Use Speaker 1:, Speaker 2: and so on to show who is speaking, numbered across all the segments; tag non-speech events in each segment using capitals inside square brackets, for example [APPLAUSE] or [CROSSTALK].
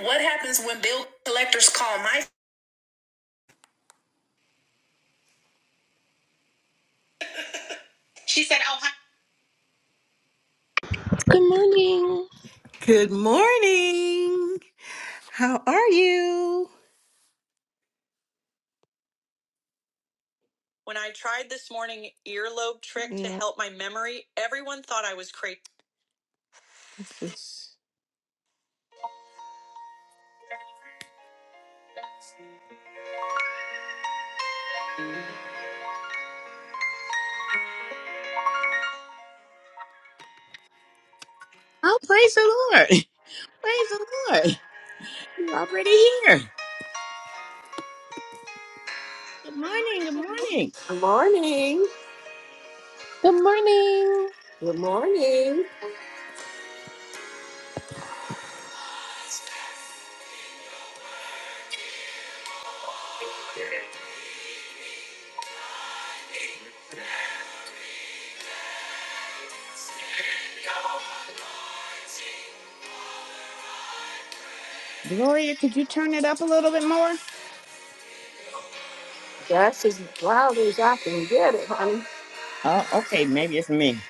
Speaker 1: What happens when bill collectors call my?
Speaker 2: Good morning.
Speaker 1: Good morning. How are you?
Speaker 3: Oh, praise the Lord. [LAUGHS] Praise the Lord. You're already here. Good morning. Good morning.
Speaker 1: Good morning.
Speaker 2: Good morning.
Speaker 1: Good morning.
Speaker 3: Gloria, could you turn it up a little bit more?
Speaker 1: That's as loud as I can get it, honey.
Speaker 3: Oh, okay. Maybe it's me.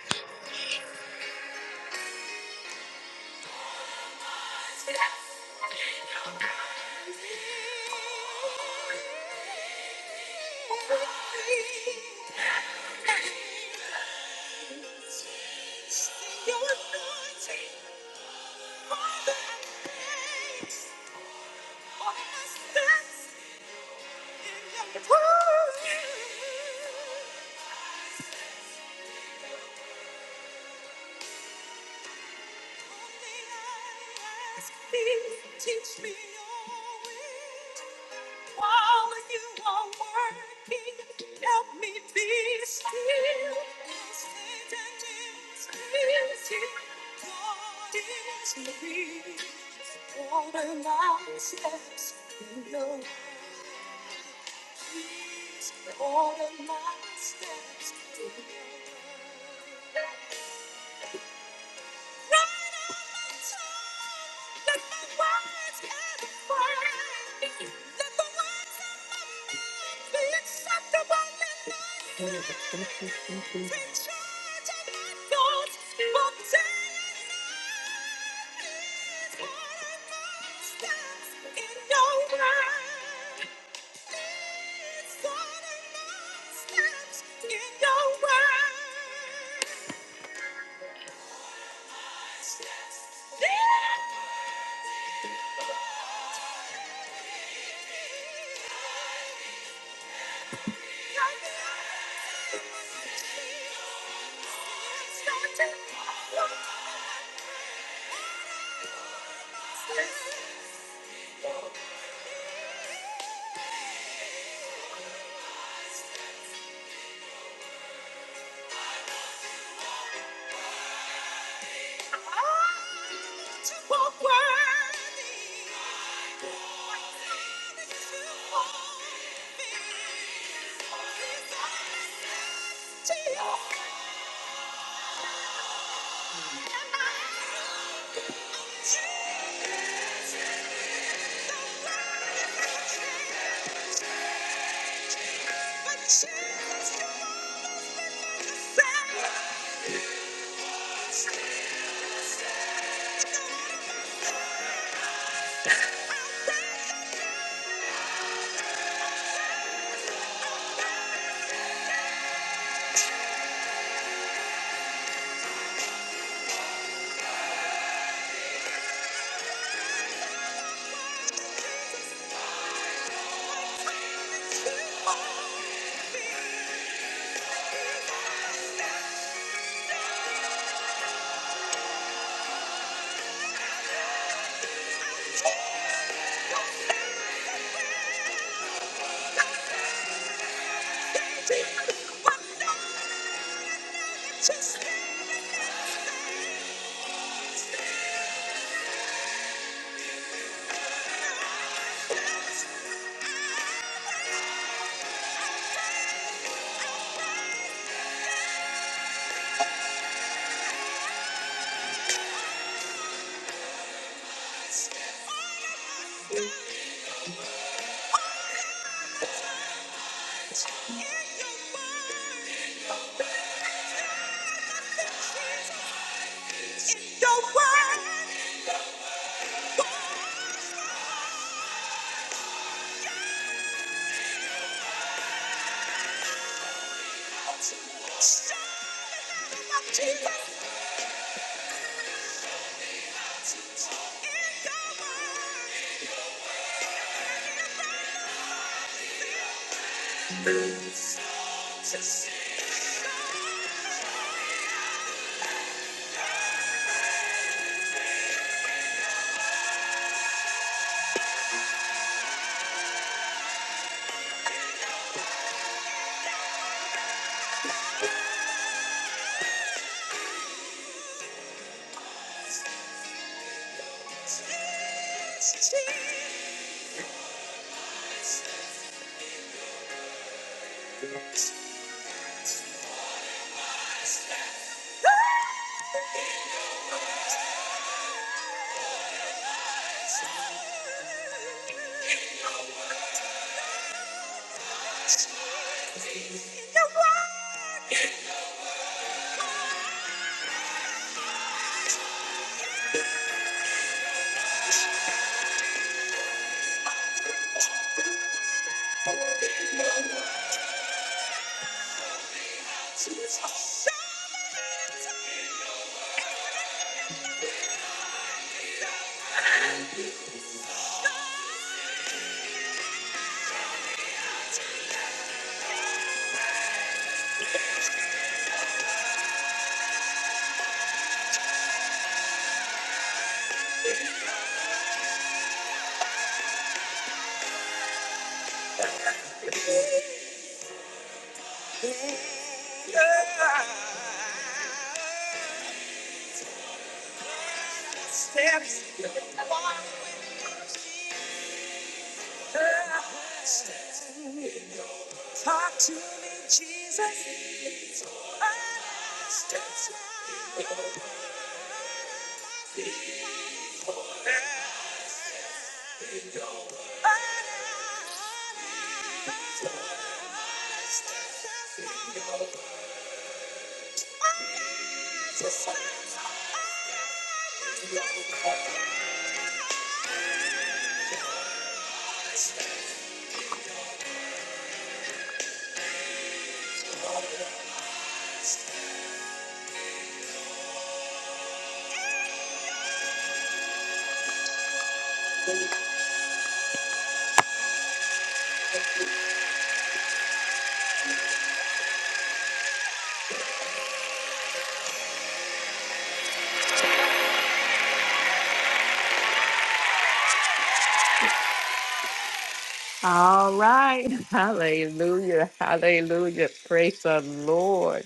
Speaker 1: Lord.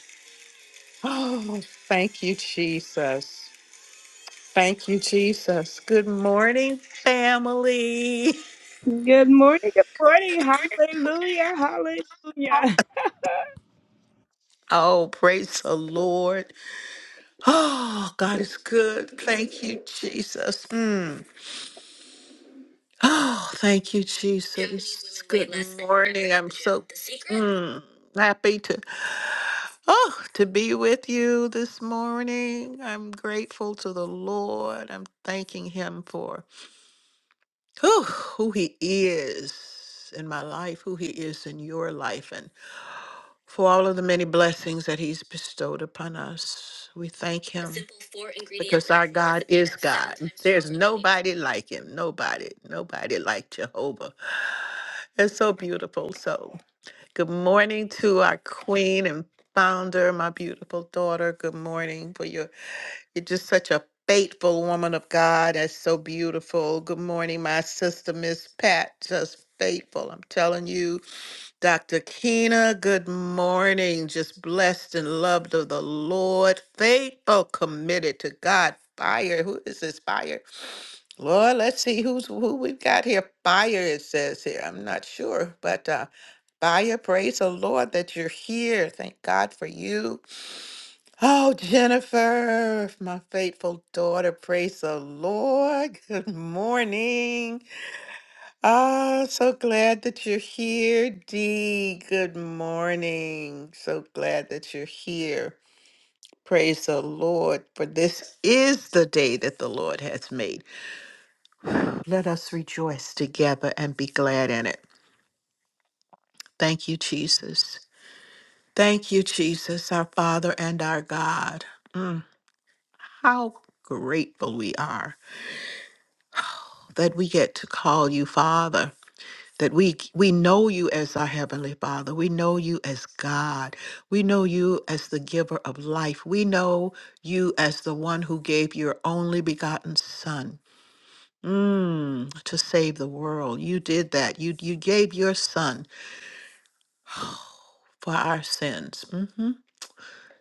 Speaker 1: Oh, thank you, Jesus. Thank you, Jesus. Good morning, family. [LAUGHS]
Speaker 3: Good morning, good morning, hallelujah, hallelujah.
Speaker 1: Oh, praise the Lord. Oh, God is good. Thank you, Jesus. Mm. Oh, thank you, Jesus. Good morning. I'm mm, happy to oh to be with you this morning. I'm grateful to the Lord. I'm thanking him for whew, who he is in my life, who he is in your life, and for all of the many blessings that he's bestowed upon us. We thank him. nobody like him. Nobody, nobody like Jehovah. It's so beautiful. So. Good morning to our queen and founder, my beautiful daughter. Good morning for your you're just such a faithful woman of God. That's so beautiful. Good morning, my sister, Miss Pat. Just faithful. I'm telling you, Dr. Keena, good morning. Just blessed and loved of the Lord. Faithful, committed to God. Fire. Who is this fire? Lord, let's see who's who we've got here. Fire, it says here. I'm not sure, but uh Baya, praise the Lord that you're here. Thank God for you. Oh, Jennifer, my faithful daughter, praise the Lord. [LAUGHS] Good morning. Ah, so glad that you're here, Dee. Good morning. So glad that you're here. Praise the Lord, for this is the day that the Lord has made. Let us rejoice together and be glad in it. Thank you, Jesus. Thank you, Jesus, our Father and our God. Mm, how grateful we are that we get to call you Father. That we we know you as our heavenly Father. We know you as God. We know you as the giver of life. We know you as the one who gave your only begotten Son mm, to save the world. You did that. You you gave your Son for our sins. Mm-hmm.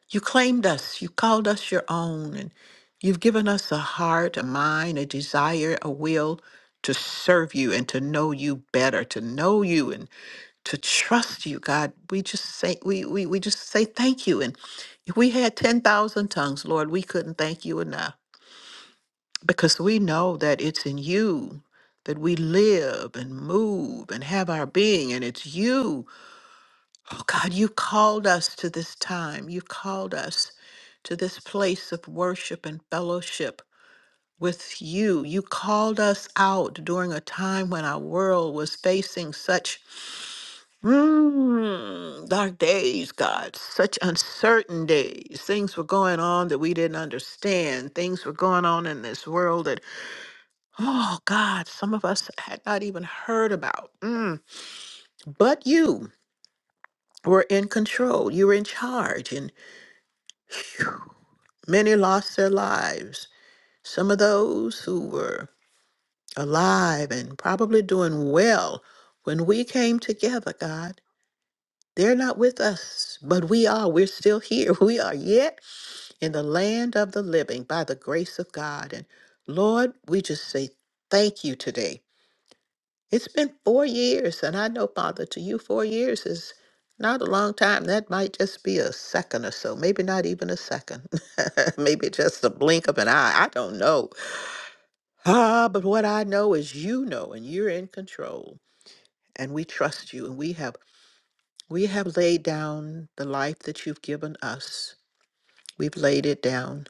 Speaker 1: You claimed us, you called us your own, and you've given us a heart, a mind, a desire, a will to serve you and to know you better, to know you and to trust you, God. We just say we we, we just say thank you. And if we had 10,000 tongues, Lord, we couldn't thank you enough because we know that it's in you that we live and move and have our being and it's you Oh God, you called us to this time. You called us to this place of worship and fellowship with you. You called us out during a time when our world was facing such mm, dark days, God, such uncertain days. Things were going on that we didn't understand. Things were going on in this world that, oh God, some of us had not even heard about. Mm. But you were in control. You were in charge. Phew. Many lost their lives. Some of those who were alive and probably doing well when we came together, God, they're not with us, but we are. We're still here. [LAUGHS] We are yet in the land of the living by the grace of God. And Lord, we just say thank you today it's been four years, and I know, Father, to you, four years is not a long time. That might just be a second or so, maybe not even a second, [LAUGHS] maybe just a blink of an eye. I don't know. Ah, but what I know is you know, and you're in control, and we trust you, and we have we have laid down the life that you've given us. We've laid it down,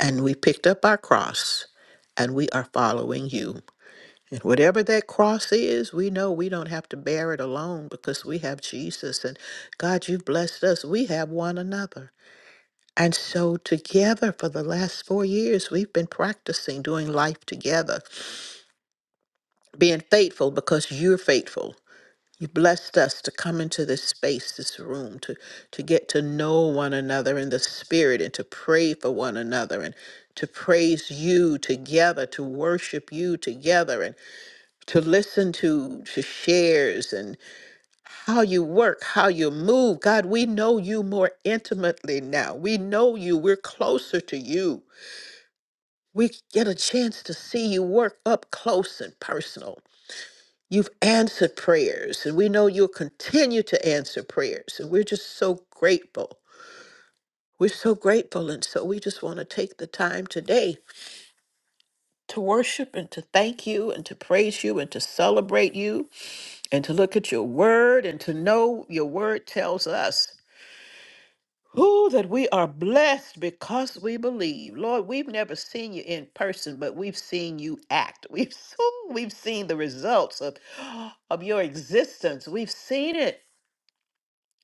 Speaker 1: and we picked up our cross, and we are following you. And whatever that cross is, we know we don't have to bear it alone because we have Jesus. And God, you've blessed us. We have one another. And so, together for the last four years, we've been practicing doing life together, being faithful because you're faithful. You blessed us to come into this space, this room, to, to get to know one another in the spirit and to pray for one another and to praise you together, to worship you together to listen to to shares and how you work how you move god we know you more intimately now we know you we're closer to you we get a chance to see you work up close and personal you've answered prayers and we know you'll continue to answer prayers and we're just so grateful we're so grateful and so we just want to take the time today to worship and to thank you and to praise you and to celebrate you and to look at your word and to know your word tells us who that we are blessed because we believe lord we've never seen you in person but we've seen you act we've [LAUGHS] ooh, we've seen the results of [GASPS] of your existence we've seen it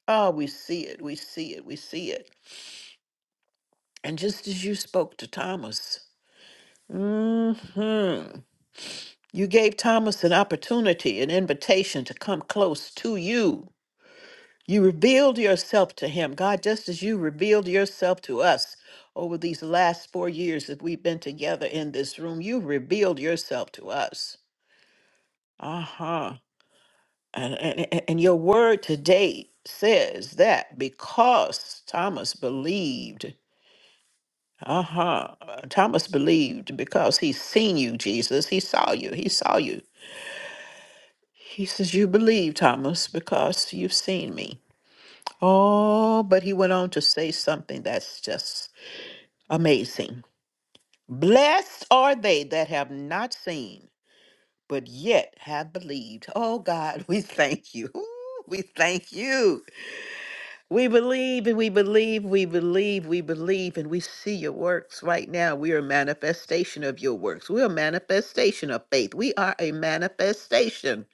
Speaker 1: oh we see it we see it we see it and just as you spoke to thomas mhm, you gave thomas an opportunity an invitation to come close to you You revealed yourself to him, God, just as you revealed yourself to us over these last four years that we've been together in this room. You revealed yourself to us. Uh huh. And, and, and and your word today says that because Thomas believed, uh huh. Thomas believed because he's seen you, Jesus. He saw you. He saw you. He says, You believe, Thomas, because you've seen me. Oh, but he went on to say something that's just Amazing. Blessed are they that have not seen, but yet have believed. Oh God, [LAUGHS] we thank you. Ooh, We thank you. We believe and we believe, we believe, we believe, and we see your works right now. We are a manifestation of your works. We are a manifestation of faith. We are a manifestation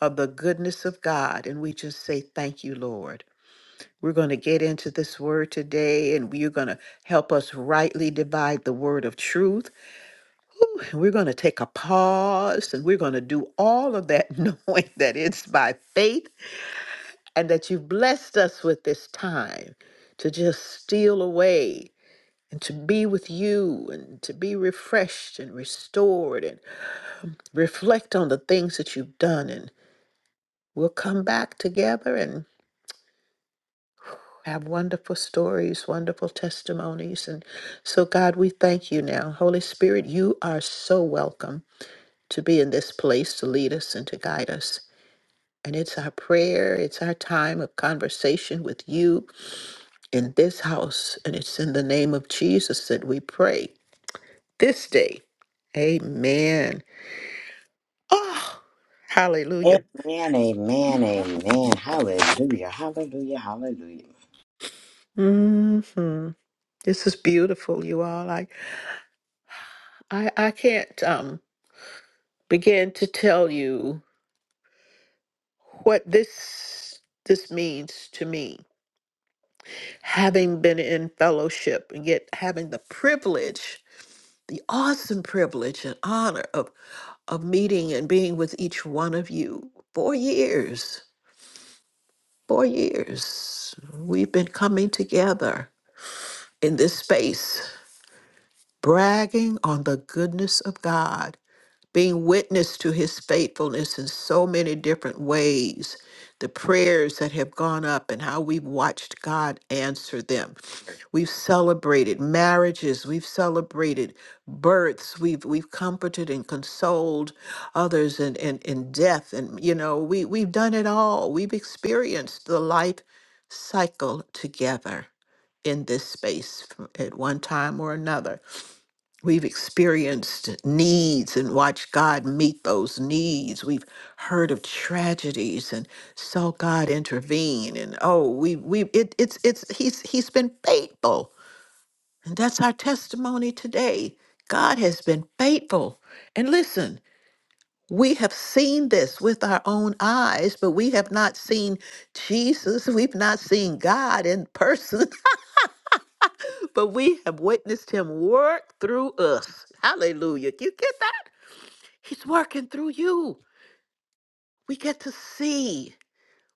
Speaker 1: of the goodness of God. And we just say, Thank you, Lord. We're going to get into this word today, and you're going to help us rightly divide the word of truth. And we're going to take a pause and we're going to do all of that, [LAUGHS] knowing that it's by faith and that you've blessed us with this time to just steal away and to be with you and to be refreshed and restored and reflect on the things that you've done. And we'll come back together and have wonderful stories, wonderful testimonies. And so, God, we thank you now. Holy Spirit, you are so welcome to be in this place to lead us and to guide us. And it's our prayer, it's our time of conversation with you in this house. And it's in the name of Jesus that we pray this day. Amen. Oh, hallelujah.
Speaker 3: Amen. Amen. Amen. Hallelujah. Hallelujah. Hallelujah.
Speaker 1: hmm This is beautiful, you all. I, I, I can't um, begin to tell you what this this means to me. Having been in fellowship and yet having the privilege the awesome privilege and honor of, of meeting and being with each one of you. Four years, four years, we've been coming together in this space, bragging on the goodness of God being witness to his faithfulness in so many different ways, the prayers that have gone up and how we've watched God answer them. We've celebrated marriages, we've celebrated births, we've we've comforted and consoled others in, in, in death. And you know, we, we've done it all. We've experienced the life cycle together in this space from- at one time or another. We've experienced needs and watched God meet those needs. We've heard of tragedies and saw God intervene. And oh, we we it, it's it's he's he's been faithful, and that's our testimony today. God has been faithful. And listen, we have seen this with our own eyes, but we have not seen Jesus. [LAUGHS] We've not seen God in person, [LAUGHS] but we have witnessed Him work through us. Hallelujah! You get that? He's working through you. We get to see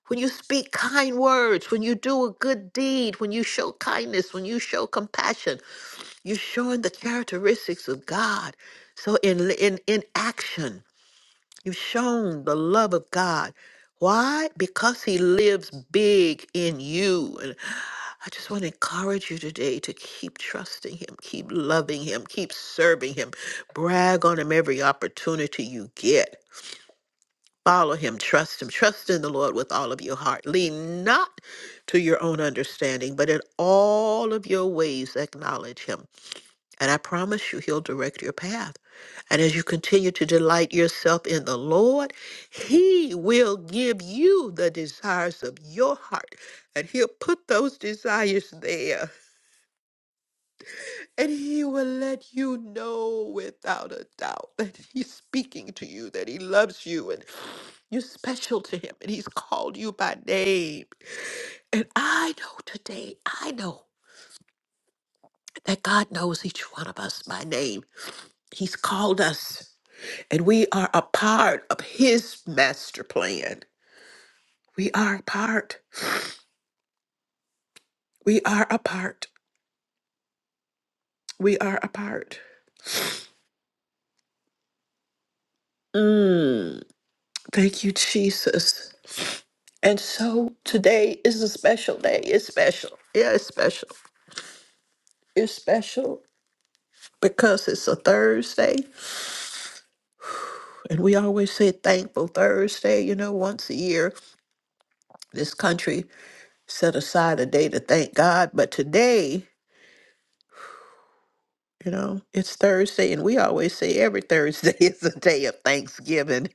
Speaker 1: when you speak kind words, when you do a good deed, when you show kindness, when you show compassion, you're showing the characteristics of God. So in in in action, you've shown the love of God. Why? Because he lives big in you. And I just want to encourage you today to keep trusting him, keep loving him, keep serving him. Brag on him every opportunity you get. Follow him, trust him, trust in the Lord with all of your heart. Lean not to your own understanding, but in all of your ways acknowledge him. And I promise you, he'll direct your path. And as you continue to delight yourself in the Lord, he will give you the desires of your heart. And he'll put those desires there and he will let you know without a doubt that he's speaking to you, that he loves you, and you're special to him, and he's called you by name. And I know today, I know that God knows each one of us by name. He's called us, and we are a part of his master plan. We are a part. We are a part. We are a part. Mm, thank you, Jesus. And so today is a special day. It's special. Yeah, it's special. It's special because it's a Thursday. And we always say thankful Thursday. You know, once a year, this country set aside a day to thank God. But today, you know, it's Thursday. And we always say every Thursday [LAUGHS] is a day of Thanksgiving.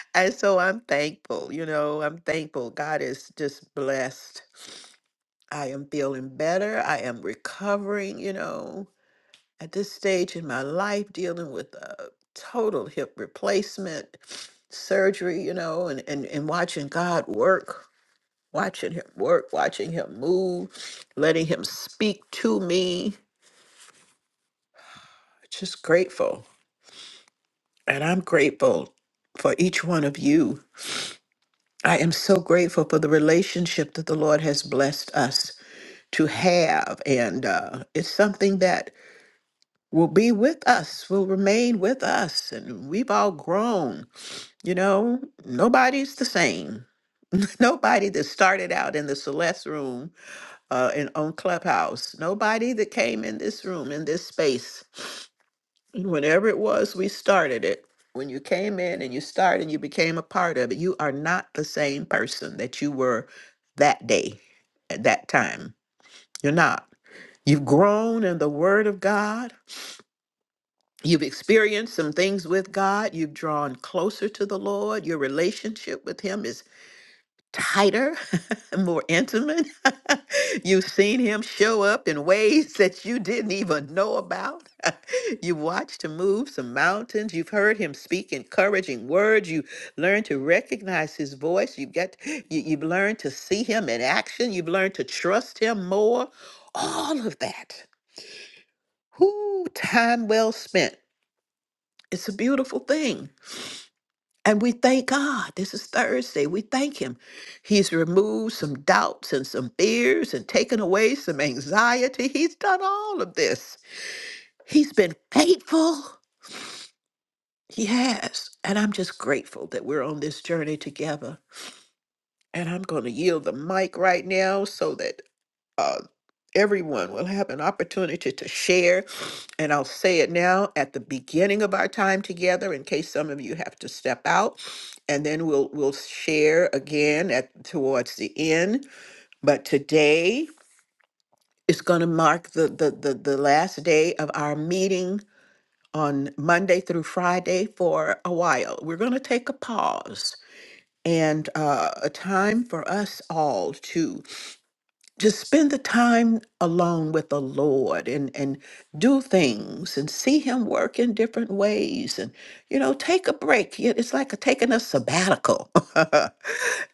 Speaker 1: [LAUGHS] and so I'm thankful. You know, I'm thankful. God is just blessed. I am feeling better. I am recovering, you know. at this stage in my life dealing with a total hip replacement surgery you know and, and and watching god work watching him work watching him move letting him speak to me just grateful and i'm grateful for each one of you i am so grateful for the relationship that the lord has blessed us to have and uh, it's something that will be with us will remain with us and we've all grown You know, nobody's the same. [LAUGHS] Nobody that started out in the Celeste room uh, in, on Clubhouse, nobody that came in this room, in this space, whenever it was we started it, when you came in and you started and you became a part of it, you are not the same person that you were that day, at that time. You're not. You've grown in the Word of God. You've experienced some things with God. You've drawn closer to the Lord. Your relationship with Him is tighter, [LAUGHS] more intimate. [LAUGHS] You've seen him show up in ways that you didn't even know about. [LAUGHS] you watched him move some mountains. You've heard him speak encouraging words. You learned to recognize his voice. You get you, you've learned to see him in action. You've learned to trust him more. All of that. Whoo, time well spent. It's a beautiful thing. And we thank God. This is Thursday. We thank Him. He's removed some doubts and some fears and taken away some anxiety. He's done all of this. He's been faithful. He has. And I'm just grateful that we're on this journey together. And I'm going to yield the mic right now so that uh, everyone will have an opportunity to share. And I'll say it now at the beginning of our time together in case some of you have to step out. And then we'll we'll share again at towards the end. But today is going to mark the, the the the last day of our meeting on Monday through Friday for a while. We're going to take a pause and uh, a time for us all to just spend the time alone with the Lord and and do things and see him work in different ways and you know take a break Yeah, it's like a, taking a sabbatical [LAUGHS]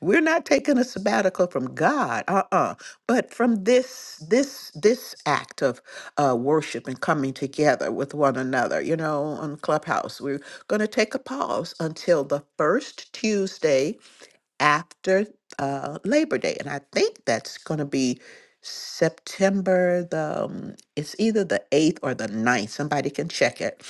Speaker 1: we're not taking a sabbatical from God uh-uh but from this this this act of uh worship and coming together with one another you know on clubhouse we're going to take a pause until the first Tuesday after uh, Labor Day, and I think that's going to be September the um, it's either the eighth or the ninth. Somebody can check it.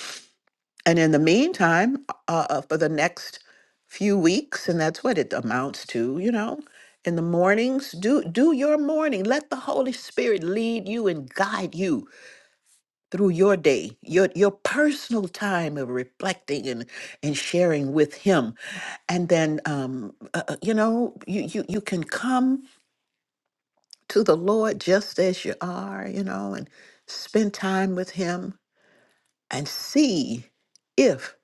Speaker 1: And in the meantime, uh, uh, for the next few weeks, and that's what it amounts to, you know. In the mornings, do do your morning. Let the Holy Spirit lead you and guide you through your day, your your personal time of reflecting and and sharing with Him, and then um, uh, uh, you know you you you can come to the Lord just as you are, you know, and spend time with Him and see if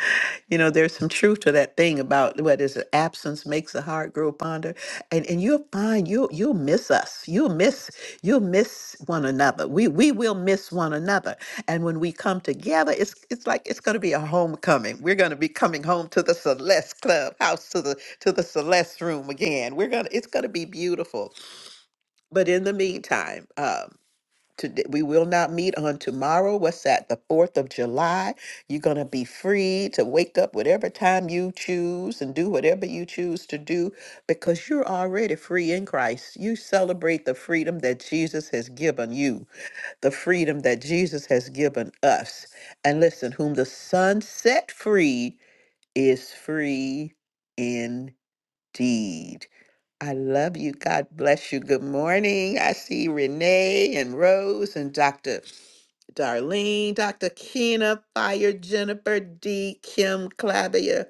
Speaker 1: [LAUGHS] you know there's some truth to that thing about what is it, absence makes the heart grow fonder and and you'll find you'll you'll miss us you'll miss you'll miss one another we we will miss one another and when we come together it's it's like it's going to be a homecoming we're going to be coming home to the celeste Clubhouse to the to the celeste room again we're going to it's going to be beautiful but in the meantime um, Today, we will not meet on tomorrow. What's that? The 4th of July. You're going to be free to wake up whatever time you choose and do whatever you choose to do because you're already free in Christ. You celebrate the freedom that Jesus has given you, the freedom that Jesus has given us. And listen, whom the Son set free is free indeed. I love you. God bless you. Good morning. I see Renee and Rose and Dr. Darlene, Dr. Kina, Fire, Jennifer, D, Kim, Clavia,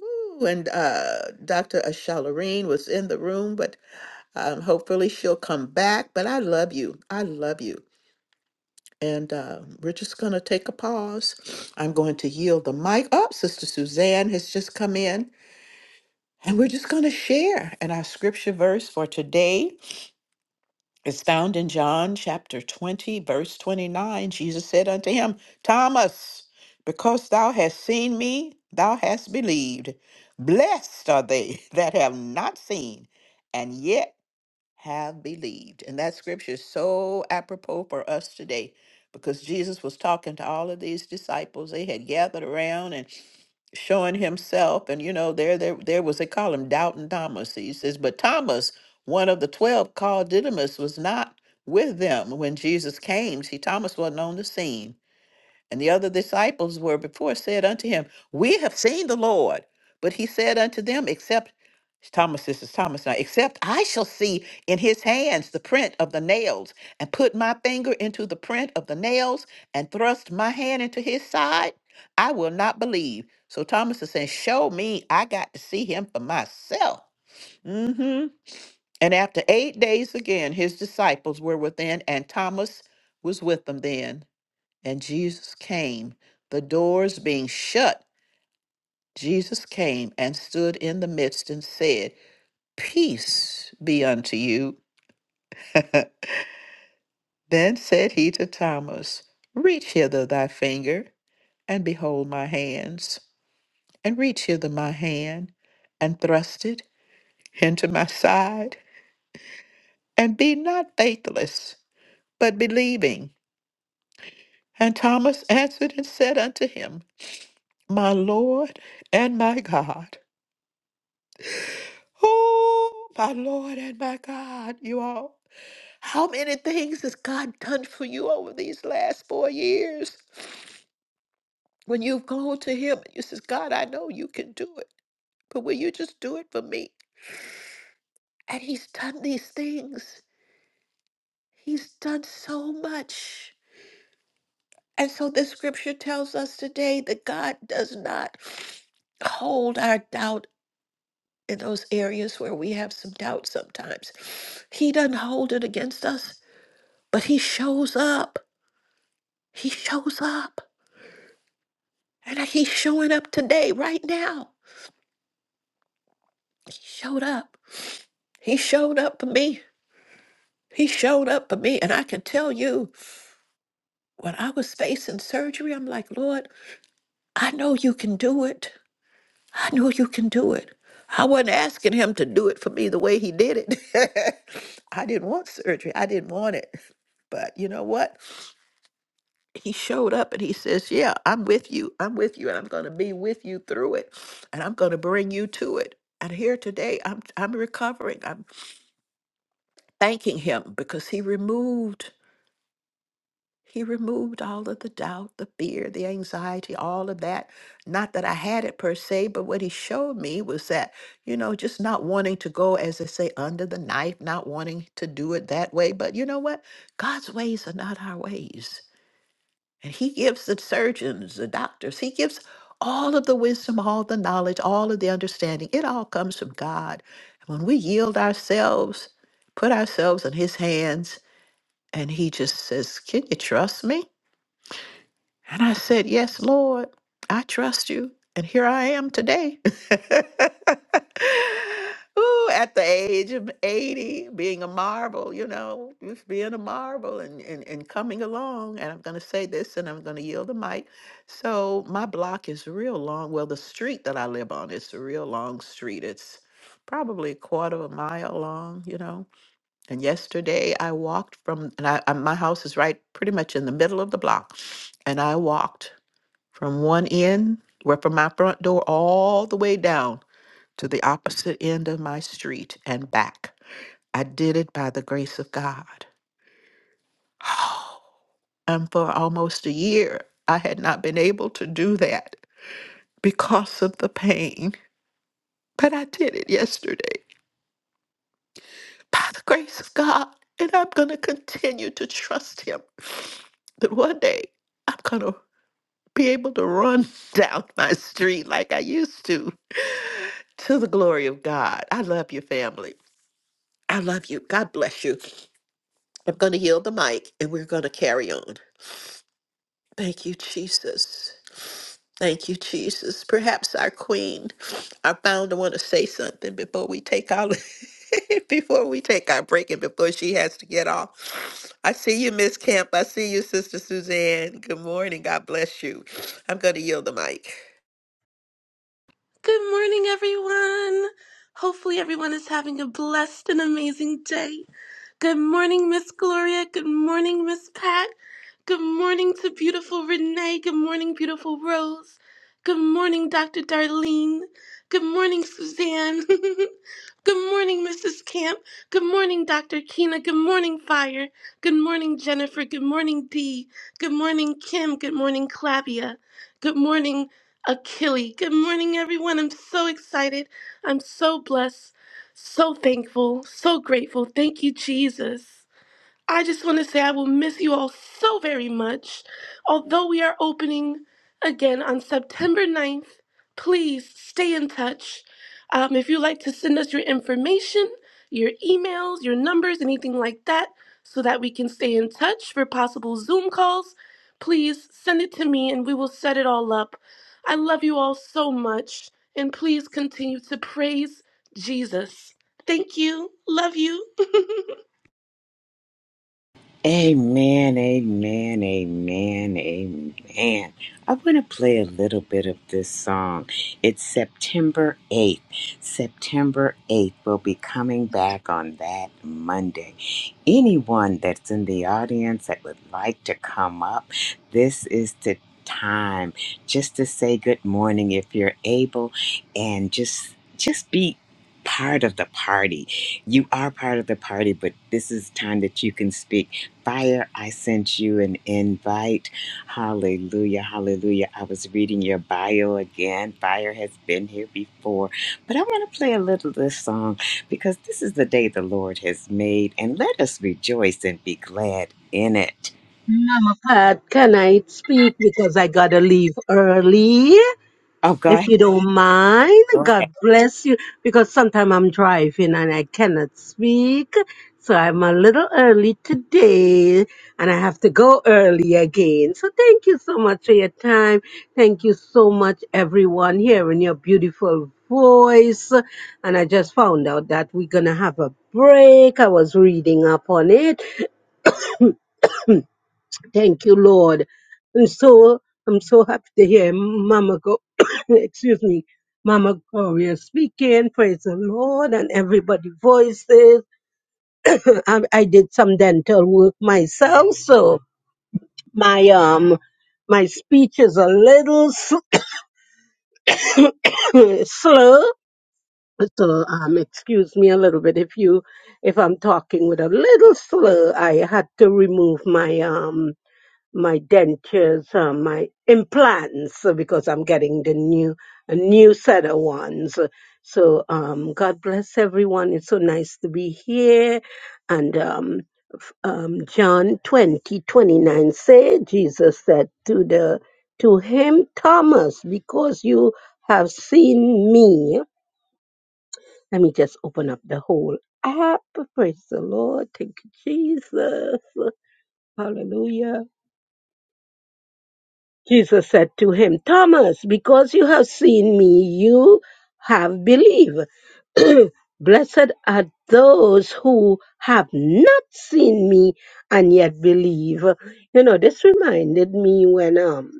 Speaker 1: Ooh, and uh, Dr. Ashalareen was in the room, but um, hopefully she'll come back. But I love you. I love you. And uh, we're just going to take a pause. I'm going to yield the mic. Oh, Sister Suzanne has just come in. And we're just going to share. And our scripture verse for today It's found in John chapter 20, verse 29. Jesus said unto him, Thomas, because thou hast seen me, thou hast believed. Blessed are they [LAUGHS] that have not seen and yet have believed. And that scripture is so apropos for us today because Jesus was talking to all of these disciples. They had gathered around and showing himself. And you know, there there there was they call him doubting Thomas. He says, but Thomas, one of the twelve called Didymus, was not with them when Jesus came. See, Thomas wasn't on the scene. And the other disciples were before said unto him, We have seen the Lord. But he said unto them, Except Thomas, this is Thomas now, except I shall see in his hands the print of the nails, and put my finger into the print of the nails, and thrust my hand into his side, I will not believe. So Thomas is saying, Show me, I got to see him for myself. hmm And after eight days again, his disciples were within, and Thomas was with them then and Jesus came, the doors being shut. Jesus came and stood in the midst and said, Peace be unto you. [LAUGHS] then said he to Thomas, Reach hither thy finger, and behold my hands, and reach hither my hand, and thrust it into my side, and be not faithless, but believing. And Thomas answered and said unto him, My Lord and my God. Oh, my Lord and my God, you all. How many things has God done for you over these last four years? When you've gone to Him and you says, God, I know you can do it, but will you just do it for me? And He's done these things. He's done so much. And so this scripture tells us today that God does not hold our doubt in those areas where we have some doubt sometimes. He doesn't hold it against us. But he shows up. He shows up. And he's showing up today, right now. He showed up. He showed up for me. He showed up for me. And I can tell you, when I was facing surgery, I'm like, Lord, I know you can do it. I know you can do it. I wasn't asking him to do it for me the way he did it. [LAUGHS] I didn't want surgery. I didn't want it. But you know what? he showed up and he says, Yeah, I'm with you. I'm with you and I'm going to be with you through it and I'm going to bring you to it. And here today I'm I'm recovering. I'm thanking him because he removed he removed all of the doubt, the fear, the anxiety, all of that. Not that I had it per se, but what he showed me was that, you know, just not wanting to go, as they say, under the knife, not wanting to do it that way. But you know what? God's ways are not our ways. And he gives the surgeons, the doctors, he gives all of the wisdom, all the knowledge, all of the understanding. It all comes from God. And when we yield ourselves, put ourselves in his hands, and he just says, Can you trust me? And I said, Yes, Lord, I trust you. And here I am today. [LAUGHS] Ooh, at the age of 80, being a marvel, you know, just being a marvel and, and, and coming along. And I'm going to say this and I'm going to yield the mic. So, my block is real long. Well, the street that I live on is a real long street. It's probably a quarter of a mile long, you know. And yesterday I walked from, and I, I, my house is right pretty much in the middle of the block. And I walked from one end, where from my front door, all the way down to the opposite end of my street and back. I did it by the grace of God. [GASPS] [SIGHS] And for almost a year, I had not been able to do that because of the pain. But I did it yesterday. by the grace of God. And I'm going to continue to trust Him that one day I'm going to be able to run [LAUGHS] down my street like I used to to the glory of God. I love you, family. I love you. God bless you. I'm going to yield the mic and we're going to carry on. Thank you, Jesus. Thank you, Jesus. Perhaps our queen, our founder, want to say something before we take our [LAUGHS] before we take our break and before she has to get off. I see you, Miss Camp. I see you, Sister Suzanne. Good morning. God bless you. I'm going to yield the mic.
Speaker 2: Good morning, everyone. Hopefully, everyone is having a blessed and amazing day. Good morning, Miss Gloria. Good morning, Miss Pat. Good morning to beautiful Renee. Good morning, beautiful Rose. Good morning, Dr. Darlene. Good morning, Suzanne. [LAUGHS] Good morning, Mrs. Camp. Good morning, Dr. Keena. Good morning, Fire. Good morning, Jennifer. Good morning, Dee. Good morning, Kim. Good morning, Clavia. Good morning, Achille. Good morning, everyone. I'm so excited. I'm so blessed. So thankful, so grateful. Thank you, Jesus. I just want to say I will miss you all so very much. Although we are opening again on September ninth, please stay in touch. Um, if you'd like to send us your information, your emails, your numbers, anything like that, so that we can stay in touch for possible Zoom calls, please send it to me and we will set it all up. I love you all so much, and please continue to praise Jesus. Thank you. Love you. [LAUGHS]
Speaker 3: Amen, amen, amen, amen. I want to play a little bit of this song. It's September 8th. September 8th. will be coming back on that Monday. Anyone that's in the audience that would like to come up, this is the time just to say good morning if you're able and just just be part of the party. You are part of the party, but this is time that you can speak Fire, I sent you an invite. Hallelujah, hallelujah. I was reading your bio again. Fire has been here before. But I want to play a little of this song because this is the day the Lord has made, and let us rejoice and be glad in it.
Speaker 4: Uh, can I speak because I gotta leave early?
Speaker 3: Oh, go
Speaker 4: If
Speaker 3: ahead.
Speaker 4: you don't mind,
Speaker 3: Go ahead.
Speaker 4: God bless you. Because sometimes I'm driving and I cannot speak. So I'm a little early today and I have to go early again. So thank you so much for your time. Thank you so much, everyone, hearing your beautiful voice. And I just found out that we're gonna have a break. I was reading up on it Thank you, Lord. And so I'm so happy to hear Mama Go [COUGHS] excuse me, Mama Gloria speaking. Praise the Lord and everybody voices. [COUGHS] I, I did some dental work myself, so my um my speech is a little [COUGHS] slur. So um excuse me a little bit if you if I'm talking with a little slur. I had to remove my um my dentures, uh, my implants, uh, because I'm getting the new, a new set of ones. So, um, God bless everyone. It's so nice to be here. And, um, um, John 20 29, say, Jesus said to the, to him, Thomas, because you have seen me. Let me just open up the whole app. Praise the Lord. Thank you, Jesus. Hallelujah. Jesus said to him, Thomas, because you have seen me, you have believed. [CLEARS THROAT] Blessed are those who have not seen me and yet believe. You know, this reminded me when um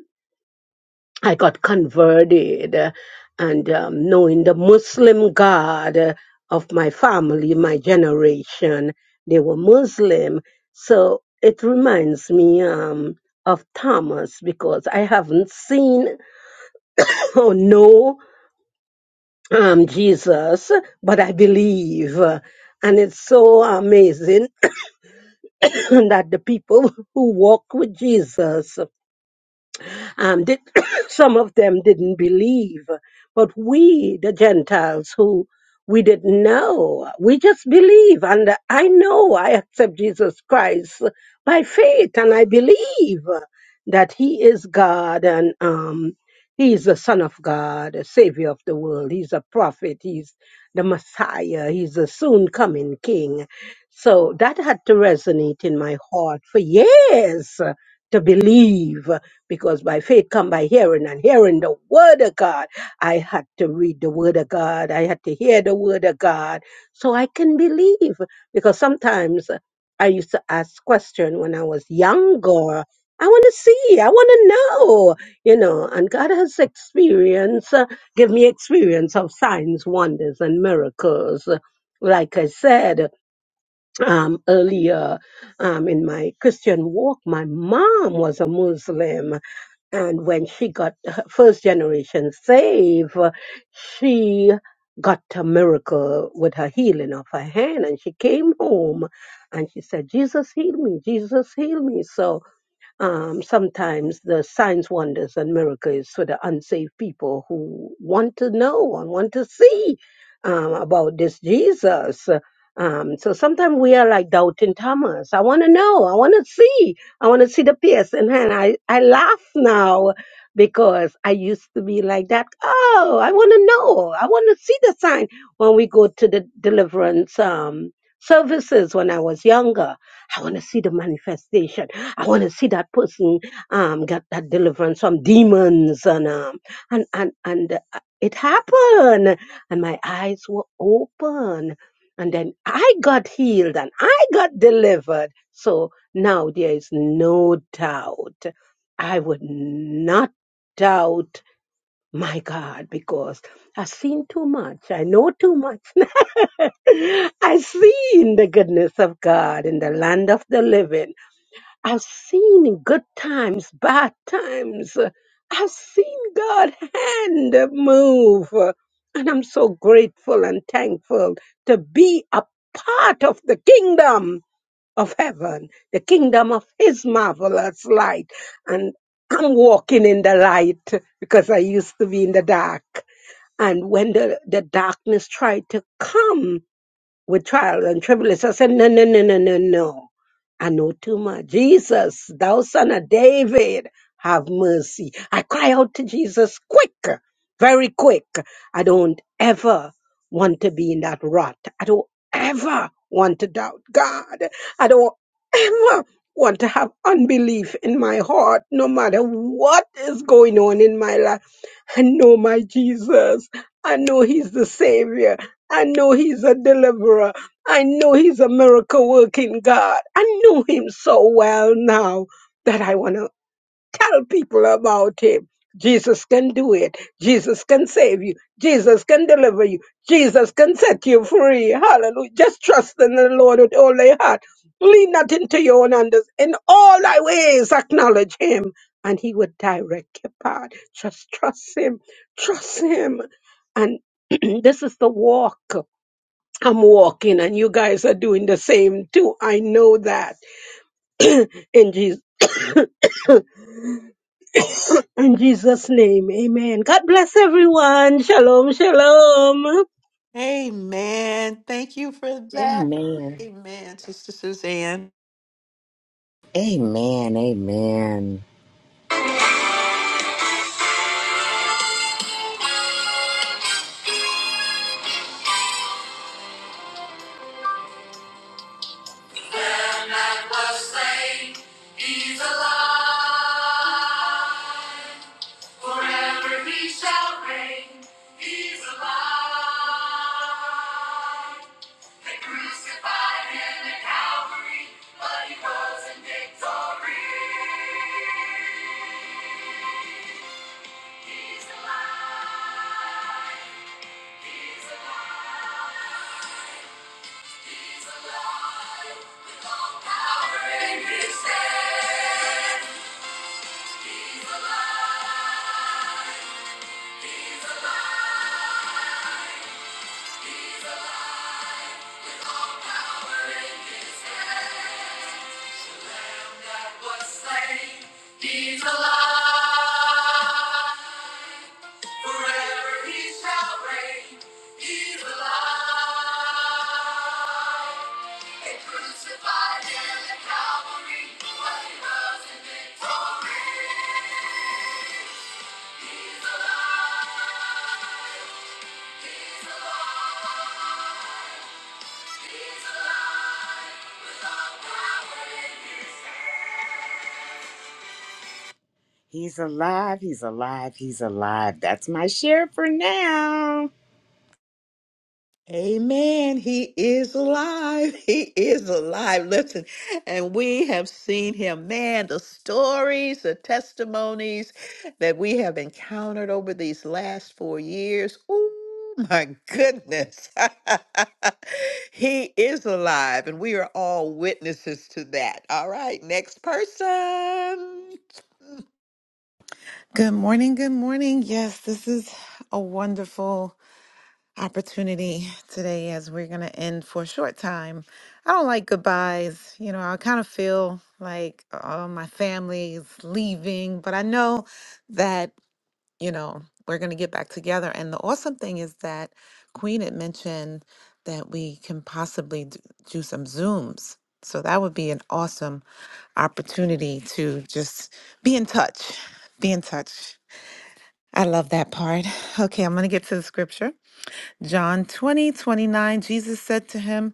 Speaker 4: I got converted uh, and um, knowing the Muslim God uh, of my family, my generation, they were Muslim. So it reminds me um, of Thomas because I haven't seen [LAUGHS] [COUGHS] or know um, Jesus, but I believe. And it's so amazing [CLEARS THROAT] [COUGHS] that the people [LAUGHS] who walk with Jesus Um, did, [COUGHS] some of them didn't believe, but we, the Gentiles, who we didn't know, we just believe. And I know I accept Jesus Christ by faith, and I believe that He is God and um, He is the Son of God, a Savior of the world. He's a prophet. He's the Messiah. He's a soon coming King. So that had to resonate in my heart for years to believe because by faith come by hearing and hearing the word of God. I had to read the word of God. I had to hear the word of God so I can believe because sometimes uh, I used to ask questions when I was younger. I want to see, I want to know, you know, and God has experience, uh, give me experience of signs, wonders, and miracles. Like I said um, earlier um, in my Christian walk, my mom was a Muslim and when she got her first generation saved, uh, she got a miracle with her healing of her hand. And she came home and she said, Jesus healed me, Jesus healed me. So um, sometimes the signs, wonders, and miracles for the unsaved people who want to know and want to see um, about this Jesus. Um, so sometimes we are like doubting Thomas. I want to know. I want to see. I want to see the piercing hand. I, I laugh now because I used to be like that. Oh, I want to know. I want to see the sign when we go to the deliverance um, services when I was younger. I want to see the manifestation. I want to see that person um, get that deliverance from demons, and um, and and and uh, it happened, and my eyes were open, and then I got healed and I got delivered. So now there is no doubt. I would not doubt my God because I've seen too much. I know too much. [LAUGHS] I've seen the goodness of God in the land of the living. I've seen good times, bad times. I've seen God hand move. And I'm so grateful and thankful to be a part of the kingdom of heaven, the kingdom of his marvelous light. And I'm walking in the light because I used to be in the dark. And when the, the darkness tried to come, with trials and tribulations, I said, No, no, no, no, no, no. I know too much. Jesus, thou son of David, have mercy. I cry out to Jesus quick, very quick. I don't ever want to be in that rut. I don't ever want to doubt God. I don't ever want to have unbelief in my heart, no matter what is going on in my life. I know my Jesus. I know he's the savior. I know he's a deliverer. I know he's a miracle working God. I know him so well now that I want to tell people about him. Jesus can do it. Jesus can save you. Jesus can deliver you. Jesus can set you free. Hallelujah. Just trust in the Lord with all thy heart. Lean not into your own understanding. In all thy ways acknowledge him and he would direct your path. Just trust him. Trust him. And [CLEARS THROAT] this is the walk. I'm walking and you guys are doing the same too. I know that. [CLEARS THROAT] in Jesus [COUGHS] in Jesus name. Amen. God bless everyone. Shalom, shalom.
Speaker 1: Amen. Thank you for that.
Speaker 3: Amen.
Speaker 1: Amen, Sister Suzanne.
Speaker 3: Amen. Amen. And that was slain, he's alive. Forever he shall reign. He's alive. They crucified him at Calvary, but he rose in victory. He's alive. He's alive. He's alive. With all power in his hand. Alive. Alive. Power in his hand. He's alive. Forever he shall reign. He's alive. They crucified him at Calvary, but he rose in victory. He's alive. He's alive. He's alive. With all power in his hands. He's alive, he's alive, he's alive. That's my share for now.
Speaker 1: Amen. He is alive. [LAUGHS] He is alive. Listen, and we have seen him. Man, the stories, the testimonies that we have encountered over these last four years. Oh my goodness. [LAUGHS] he is alive, and we are all witnesses to that. All right, next person.
Speaker 5: Good morning. Good morning. Yes, this is a wonderful opportunity today as we're going to end for a short time. I don't like goodbyes. You know, I kind of feel like oh, my family is leaving, but I know that, you know, we're going to get back together. And the awesome thing is that Queen had mentioned that we can possibly d- do some Zooms. So that would be an awesome opportunity to just be in touch. Be in touch. I love that part. Okay, I'm going to get to the scripture. John 20:29. Jesus said to him,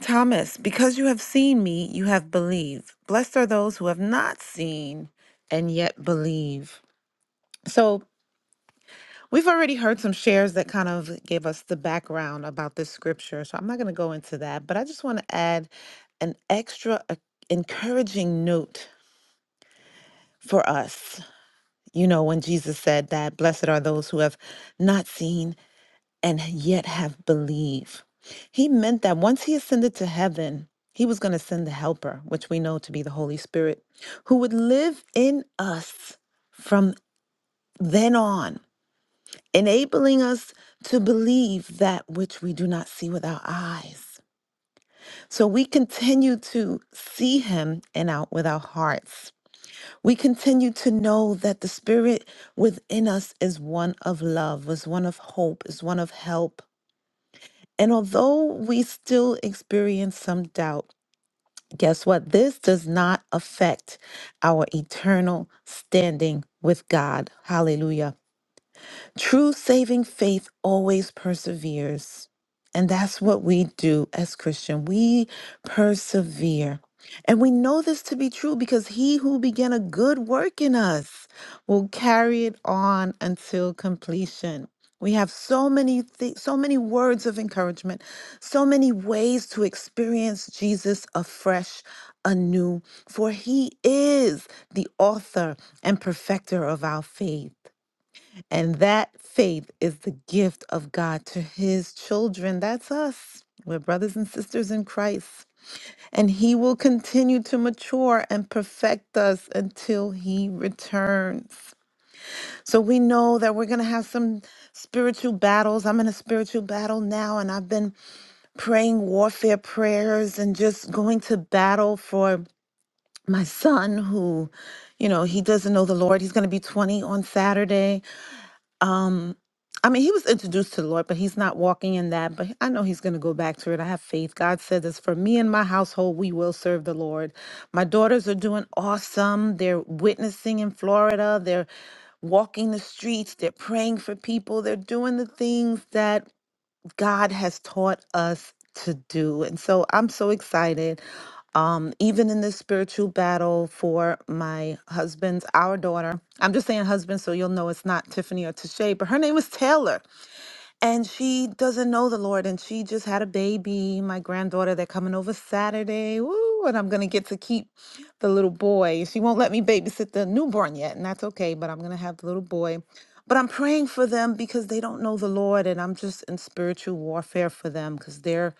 Speaker 5: Thomas, because you have seen me, you have believed. Blessed are those who have not seen and yet believe. So we've already heard some shares that kind of gave us the background about this scripture. So I'm not going to go into that, but I just want to add an extra uh, encouraging note for us. You know, when Jesus said that, blessed are those who have not seen and yet have believe. He meant that once he ascended to heaven, he was going to send the helper, which we know to be the Holy Spirit, who would live in us from then on, enabling us to believe that which we do not see with our eyes. So we continue to see him and out with our hearts. We continue to know that the spirit within us is one of love, is one of hope, is one of help, And although we still experience some doubt, guess what? This does not affect our eternal standing with God. Hallelujah. True saving faith always perseveres. And that's what we do as Christian. We persevere. And we know this to be true because he who began a good work in us will carry it on until completion. We have so many thi- so many words of encouragement, so many ways to experience Jesus afresh, anew, for he is the author and perfecter of our faith. And that faith is the gift of God to his children. That's us. We're brothers and sisters in Christ. And he will continue to mature and perfect us until he returns. So we know that we're going to have some spiritual battles. I'm in a spiritual battle now, and I've been praying warfare prayers and just going to battle for my son who, you know, he doesn't know the Lord. He's going to be 20 on Saturday um, I mean, he was introduced to the Lord, but he's not walking in that. But I know he's going to go back to it. I have faith. God said this for me and my household, we will serve the Lord. My daughters are doing awesome. They're witnessing in Florida. They're walking the streets. They're praying for people. They're doing the things that God has taught us to do. And so I'm so excited. Um, even in this spiritual battle for my husband's, our daughter, I'm just saying husband, so you'll know it's not Tiffany or Tashay, but her name is Taylor and she doesn't know the Lord, and she just had a baby, my granddaughter. They're coming over Saturday, woo, and I'm gonna get to keep the little boy. She won't let me babysit the newborn yet, and that's okay. But I'm gonna have the little boy. But I'm praying for them because they don't know the Lord, and I'm just in spiritual warfare for them because they're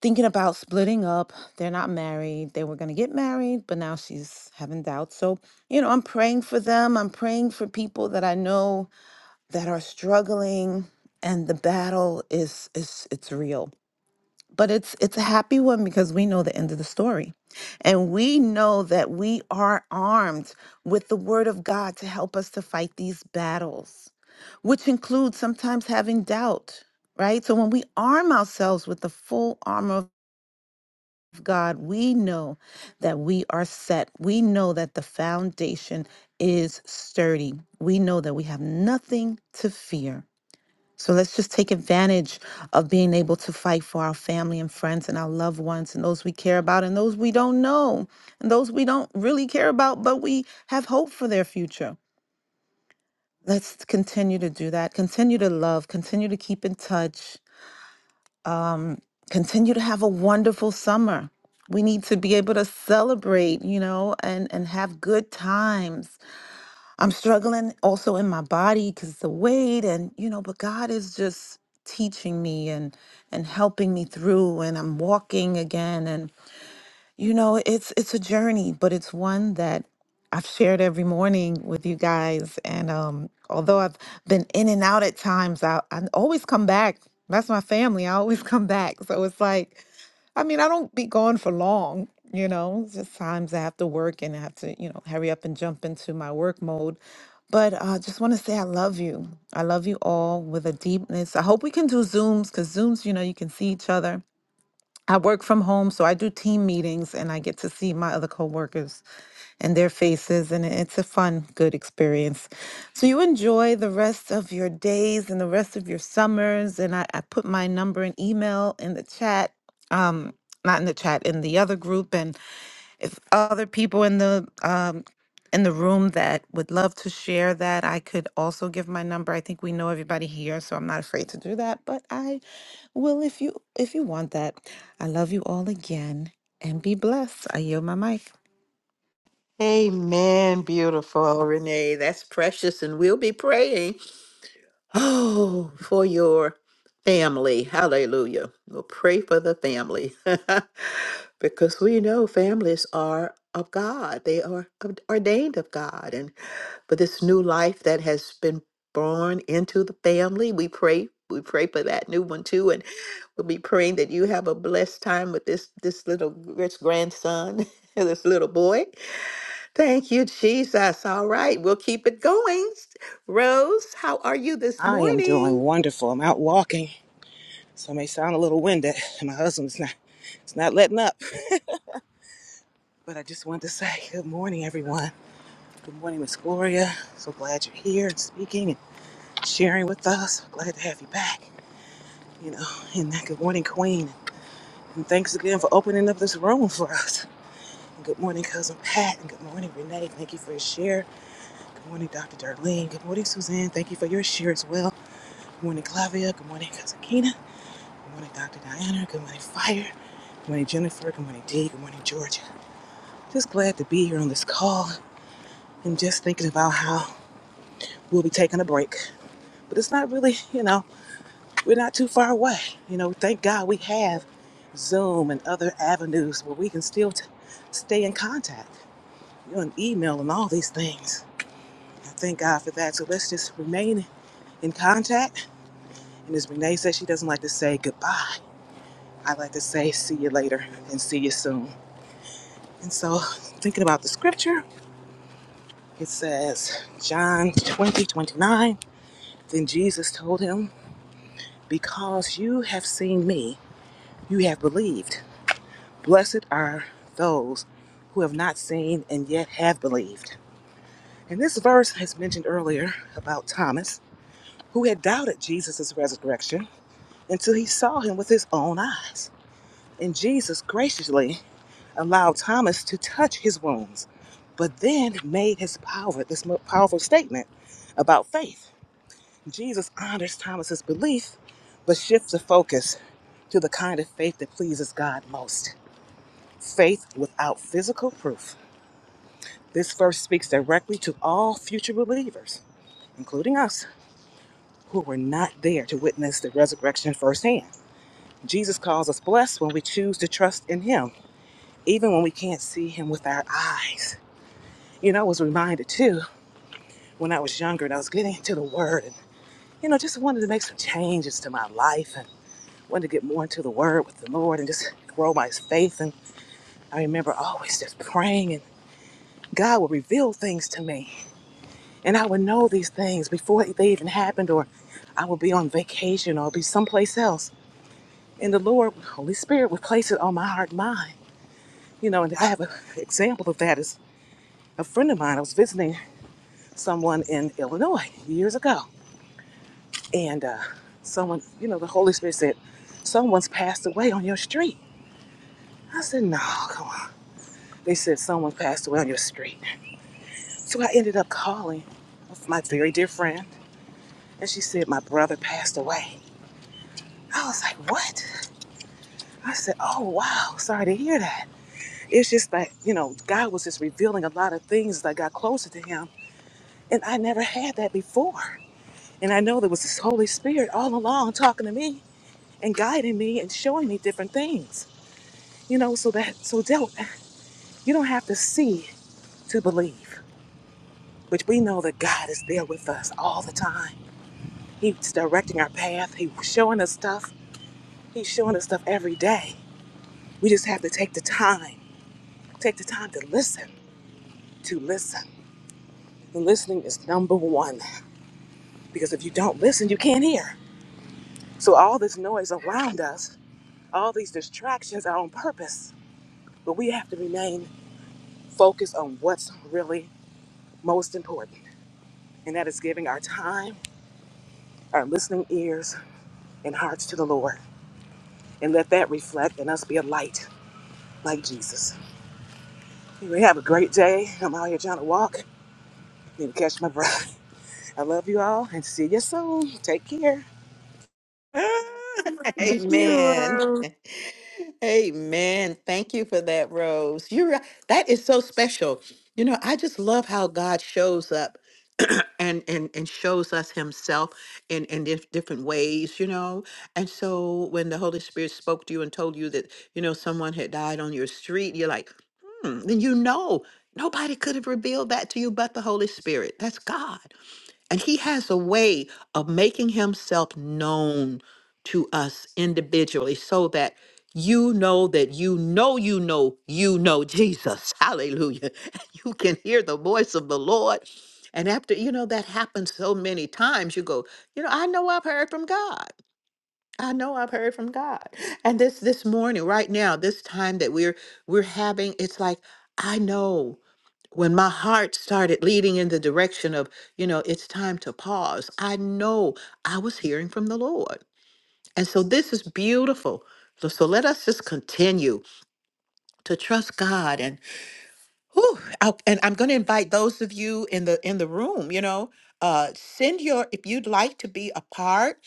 Speaker 5: thinking about splitting up. They're not married. They were gonna get married, but now she's having doubts. So you know, I'm praying for them. I'm praying for people that I know that are struggling and the battle is is it's real but it's it's a happy one because we know the end of the story and we know that we are armed with the word of god to help us to fight these battles which includes sometimes having doubt right so when we arm ourselves with the full armor of God, we know that we are set. We know that the foundation is sturdy. We know that we have nothing to fear. So let's just take advantage of being able to fight for our family and friends and our loved ones and those we care about and those we don't know and those we don't really care about, but we have hope for their future. Let's continue to do that. Continue to love. Continue to keep in touch. Um, continue to have a wonderful summer. We need to be able to celebrate, you know, and and have good times I'm struggling also in my body because the weight and you know, but God is just teaching me and and helping me through and I'm walking again and you know, it's it's a journey, but it's one that I've shared every morning with you guys and um although I've been in and out at times, I I always come back. That's my family. I always [LAUGHS] come back. So it's like I mean, I don't be gone for long, you know. it's Just times I have to work and I have to, you know, hurry up and jump into my work mode. But I uh, just want to say I love you. I love you all with a deepness. I hope we can do Zooms because Zooms, you know, you can see each other. I work from home, so I do team meetings and I get to see my other coworkers and their faces and it's a fun good experience so you enjoy the rest of your days and the rest of your summers and i, I put my number and email in the chat um not in the chat in the other group and if other people in the um in the room that would love to share that i could also give my number i think we know everybody here so i'm not afraid to do that but i will if you if you want that i love you all again and be blessed i yield my mic
Speaker 1: Amen. Beautiful, Renee. That's precious, and we'll be praying. Oh, for your family. Hallelujah. We'll pray for the family [LAUGHS] because we know families are of God. They are ord- ordained of God. And for this new life that has been born into the family, we pray. We pray for that new one too. And we'll be praying that you have a blessed time with this this little this grandson, [LAUGHS] this little boy. Thank you, Jesus. All right, we'll keep it going. Rose, how are you this
Speaker 6: I am doing
Speaker 1: morning?
Speaker 6: wonderful. I'm out walking, so I may sound a little winded. [LAUGHS] My husband's not, it's not letting up. [LAUGHS] But I just wanted to say good morning, everyone. Good morning, Miss Gloria. So glad you're here and speaking and sharing with us. Glad to have you back. You know, and that good morning, Queen. And thanks again for opening up this room for us. And good morning, cousin Pat. And good morning, Renee. Thank you for your share. Good morning, Dr. Darlene. Good morning, Suzanne. Thank you for your share as well. Good morning, Clavia. Good morning, cousin Keena. Good morning, Dr. Diana. Good morning, Fire. Good morning, Jennifer. Good morning, Dee. Good morning, Georgia. Just glad to be here on this call and just thinking about how we'll be taking a break. But it's not really, you know, we're not too far away. You know, thank God we have Zoom and other avenues where we can still t- stay in contact, you know, and email and all these things. I thank God for that. So let's just remain in contact. And as Renee says, she doesn't like to say goodbye. I like to say see you later and see you soon. And so, thinking about the scripture, it says, John 20 29. then Jesus told him, Because you have seen me, you have believed. Blessed are those who have not seen and yet have believed. And this verse has mentioned earlier about Thomas, who had doubted Jesus' resurrection until he saw him with his own eyes. And Jesus graciously allowed Thomas to touch his wounds, but then made his power, this powerful statement about faith. Jesus honors Thomas's belief, but shifts the focus to the kind of faith that pleases God most faith without physical proof. This verse speaks directly to all future believers, including us, who were not there to witness the resurrection firsthand. Jesus calls us blessed when we choose to trust in Him, even when we can't see Him with our eyes. You know, I was reminded too when I was younger and I was getting into the Word and, you know, just wanted to make some changes to my life and wanted to get more into the Word with the Lord and just grow my faith. And I remember always just praying and God would reveal things to me. And I would know these things before they even happened or I would be on vacation or be someplace else. And the Lord, Holy Spirit, would place it on my heart and mind. You know, and I have an example of that is a friend of mine. I was visiting someone in Illinois years ago. and uh, someone, you know, the Holy Spirit said, someone's passed away on your street. I said, no, come on. They said, someone passed away on your street. So I ended up calling my very dear friend, and she said, my brother passed away. I was like, what? I said, oh, wow, sorry to hear that. It's just that, you know, God was just revealing a lot of things as I got closer to Him, and I never had that before. And I know there was this Holy Spirit all along talking to me and guiding me and showing me different things. You know, so that so don't you don't have to see to believe. Which we know that God is there with us all the time. He's directing our path. He's showing us stuff. He's showing us stuff every day. We just have to take the time. Take the time to listen. To listen. And listening is number one. Because if you don't listen, you can't hear. So all this noise around us, all these distractions are on purpose. But we have to remain focused on what's really most important. And that is giving our time our listening ears and hearts to the Lord, and let that reflect in us be a light like Jesus. Anyway, have a great day. I'm out here trying to walk. Need to catch my breath. [LAUGHS] I love you all and see you soon. Take care.
Speaker 1: [LAUGHS] Amen. Amen. Thank you for that, Rose. You're right. that is so special. You know, I just love how God shows up and and and shows us himself in in dif- different ways, you know. And so when the Holy Spirit spoke to you and told you that, you know, someone had died on your street, you're like, "Hmm." Then you know, nobody could have revealed that to you but the Holy Spirit. That's God. And he has a way of making himself known to us individually so that you know that you know, you know, you know Jesus. [LAUGHS] Hallelujah. [LAUGHS] You can hear the voice of the Lord. And after, you know, that happens so many times, you go, you know, I know I've heard from God. I know I've heard from God. And this this morning, right now, this time that we're we're having, it's like, I know when my heart started leading in the direction of, you know, it's time to pause, I know I was hearing from the Lord. And so this is beautiful. So, so let us just continue to trust God and whew, I'll- and I'm going to invite those of you in the in the room, you know, uh send your if you'd like to be a part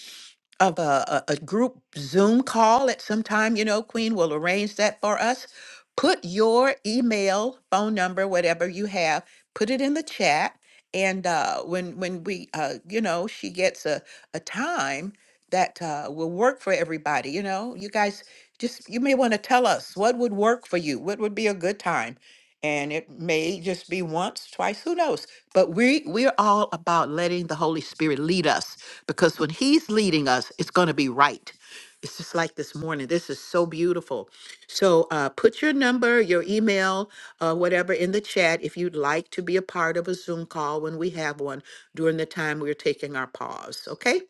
Speaker 1: of a, a, a group Zoom call at some time, you know, Queen will arrange that for us. Put your email, phone number, whatever you have, put it in the chat. And uh, when when we, uh, you know, she gets a, a time that uh, will work for everybody, you know, you guys just, you may want to tell us what would work for you, what would be a good time. And it may just be once, twice, who knows? But we, we're all about letting the Holy Spirit lead us because when he's leading us it's going to be right it's just like this morning this is so beautiful so uh, put your number your email uh, whatever in the chat if you'd like to be a part of a zoom call when we have one during the time we're taking our pause okay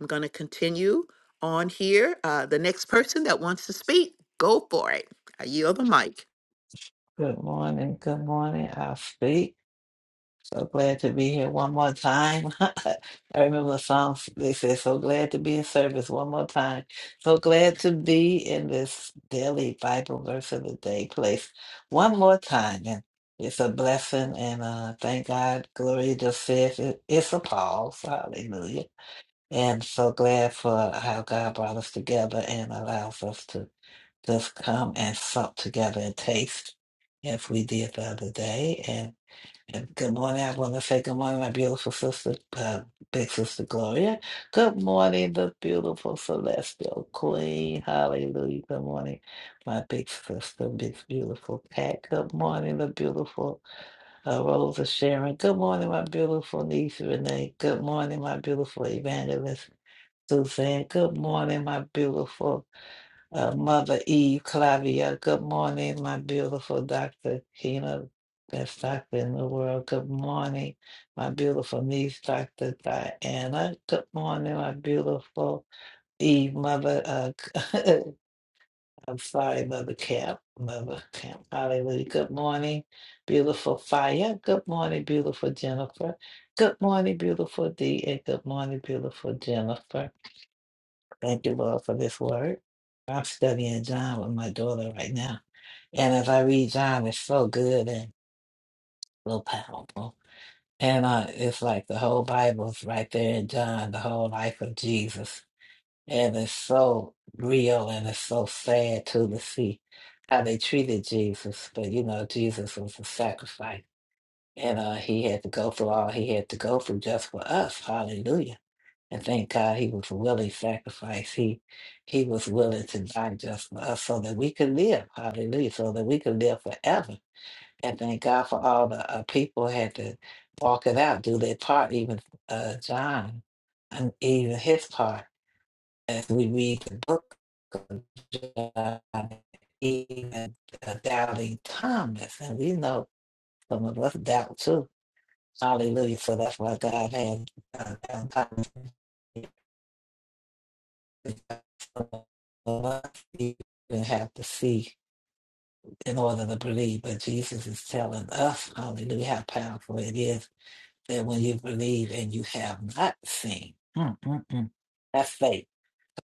Speaker 1: i'm going to continue on here uh, the next person that wants to speak go for it i yield the mic
Speaker 7: Good morning, good morning. I'll speak. So glad to be here one more time. [LAUGHS] I remember the song they said, So glad to be in service one more time. So glad to be in this daily Bible verse of the day place one more time. And it's a blessing. And uh, thank God, Gloria just said it, it's a pause. Hallelujah. And so glad for how God brought us together and allows us to just come and sup together and taste as we did the other day. And, and good morning. I want to say good morning, my beautiful sister, uh, big sister Gloria. Good morning, the beautiful celestial queen. Hallelujah. Good morning, my big sister, big beautiful Pat. Good morning, the beautiful uh, Rosa Sharon. Good morning, my beautiful niece Renee. Good morning, my beautiful evangelist Suzanne. Good morning, my beautiful uh, Mother Eve Clavia. Good morning, my beautiful Dr. Kina, best doctor in the world. Good morning, my beautiful niece, Dr. Diana. Good morning, my beautiful Eve, Mother. Uh, [LAUGHS] I'm sorry, Mother Camp. Mother Camp. Hallelujah. Good morning, beautiful Fire. Good morning, beautiful Jennifer. Good morning, beautiful Dee, and good morning, beautiful Jennifer. Thank you, Lord, for this word. I'm studying John with my daughter right now. And as I read John, it's so good and so powerful. And uh, it's like the whole Bible's right there in John, the whole life of Jesus. And it's so real and it's so sad too to see how they treated Jesus. But you know, Jesus was a sacrifice. And uh, he had to go through all he had to go through just for us. Hallelujah and thank God he was willing sacrifice. He he was willing to die just for us so that we could live. Hallelujah. So that we could live forever. And thank God for all the uh, people had to walk it out, do their part, even uh, John, and even his part. As we read the book of John, even uh, doubting Thomas, and we know some of us doubt too. Hallelujah. So that's why God had uh, doubting Thomas You even have to see in order to believe, but Jesus is telling us, hallelujah, how powerful it is that when you believe and you have not seen, mm, mm, mm, that's faith.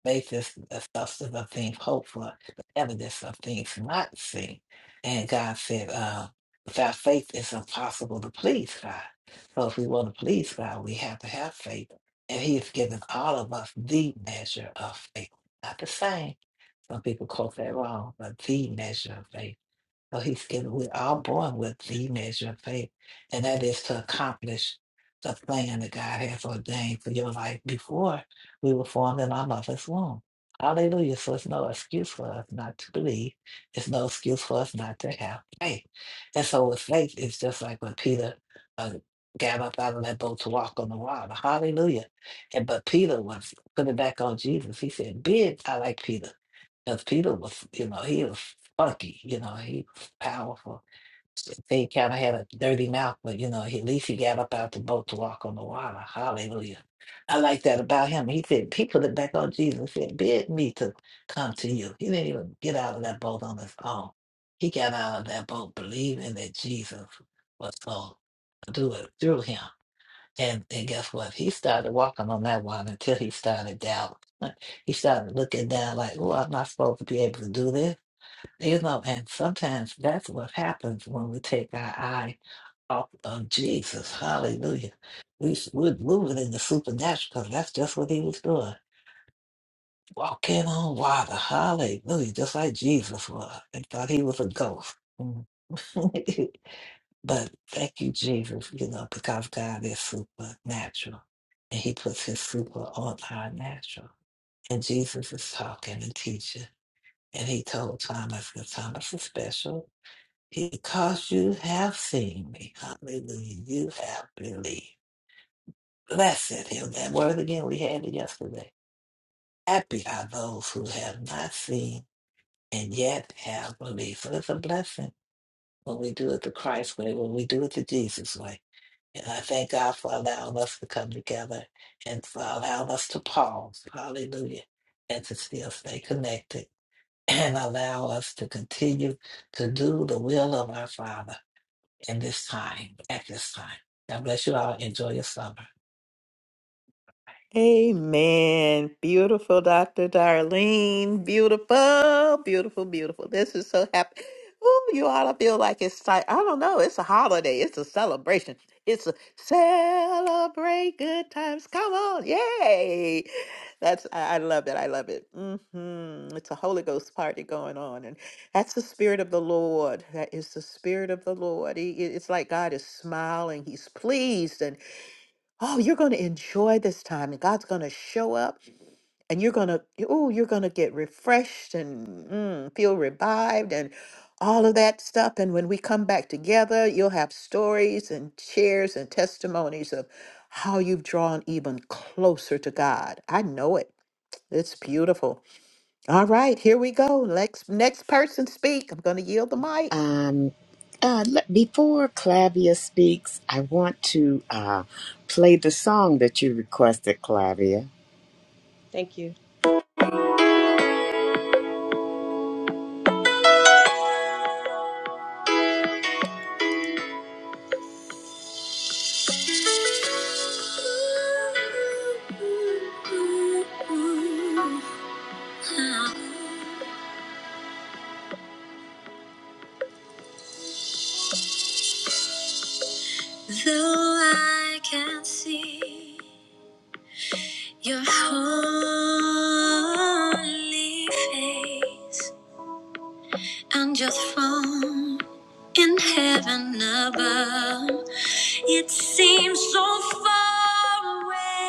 Speaker 7: Faith is the substance of things hoped for, the evidence of things not seen. And God said, uh, without faith, it's impossible to please God. So if we want to please God, we have to have faith. And He has given all of us the measure of faith, not the same. Some people quote that wrong, but the measure of faith. So he's given, we're all born with the measure of faith, and that is to accomplish the plan that God has ordained for your life before we were formed in our mother's womb. Hallelujah. So it's no excuse for us not to believe. It's no excuse for us not to have faith. And so with faith, it's just like when Peter uh, got up out of that boat to walk on the water. Hallelujah. And but Peter was putting back on Jesus. He said, Bid, I like Peter. Because Peter was, you know, he was funky, you know, he was powerful. He kind of had a dirty mouth, but, you know, he, at least he got up out the boat to walk on the water. Hallelujah. I like that about him. He said, he put it back on Jesus. and said, bid me to come to you. He didn't even get out of that boat on his own. He got out of that boat believing that Jesus was going to do it through him. And, and guess what? He started walking on that water until he started doubting. [LAUGHS] He started looking down like, oh, I'm not supposed to be able to do this. You know, and sometimes that's what happens when we take our eye off of Jesus. Hallelujah. We, s- we're moving in the supernatural because that's just what he was doing. Walking on water. Hallelujah. Just like Jesus was. And thought he was a ghost. [LAUGHS] But thank you, Jesus, you know, because God is supernatural and He puts His super on our natural. And Jesus is talking and teaching. And He told Thomas, because Thomas is special, because you have seen me. Hallelujah. You have believed. Blessed Him. That word again, we had it yesterday. Happy are those who have not seen and yet have believed. So it's a blessing when we do it the Christ way, when we do it the Jesus way. And I thank God for allowing us to come together and for allowing us to pause, hallelujah, and to still stay connected [CLEARS THROAT] and allow us to continue to do the will of our Father in this time, at this time. God bless you all. Enjoy your summer.
Speaker 1: Amen. Beautiful, Dr. Darlene. Beautiful, beautiful, beautiful. This is so happy. Ooh, you ought to feel like it's like, I don't know, it's a holiday. It's a celebration. It's a celebrate good times. Come on. Yay. That's, I, I love it. I love it. hmm It's a Holy Ghost party going on. And that's the Spirit of the Lord. That is the Spirit of the Lord. He, it- it's like God is smiling. He's pleased. Oh, you're going to enjoy this time, and God's going to show up, and you're going to, oh, you're going to get refreshed and mm, feel revived and all of that stuff. And when we come back together, you'll have stories and shares and testimonies of how you've drawn even closer to God. I know it. It's beautiful. All right, here we go. Next, next person speak. I'm going to yield the mic.
Speaker 3: Um, uh, le- before Clavia speaks, I want to uh, play the song that you requested, Clavia.
Speaker 8: Thank you.
Speaker 3: Though I can see your holy face and your throne in heaven above. It seems so far away,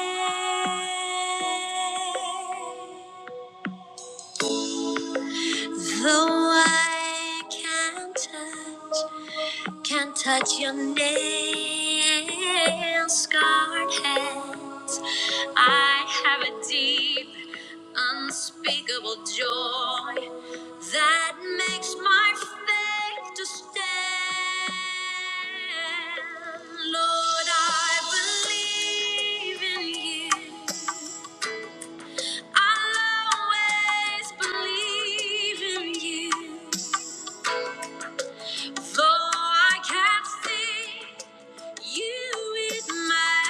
Speaker 3: though I can't touch. Can't touch your nails, scarred hands. I have a deep, unspeakable joy that makes my faith to stand. Lord, I believe in you. I'll always believe in you. Though I can't see. You is my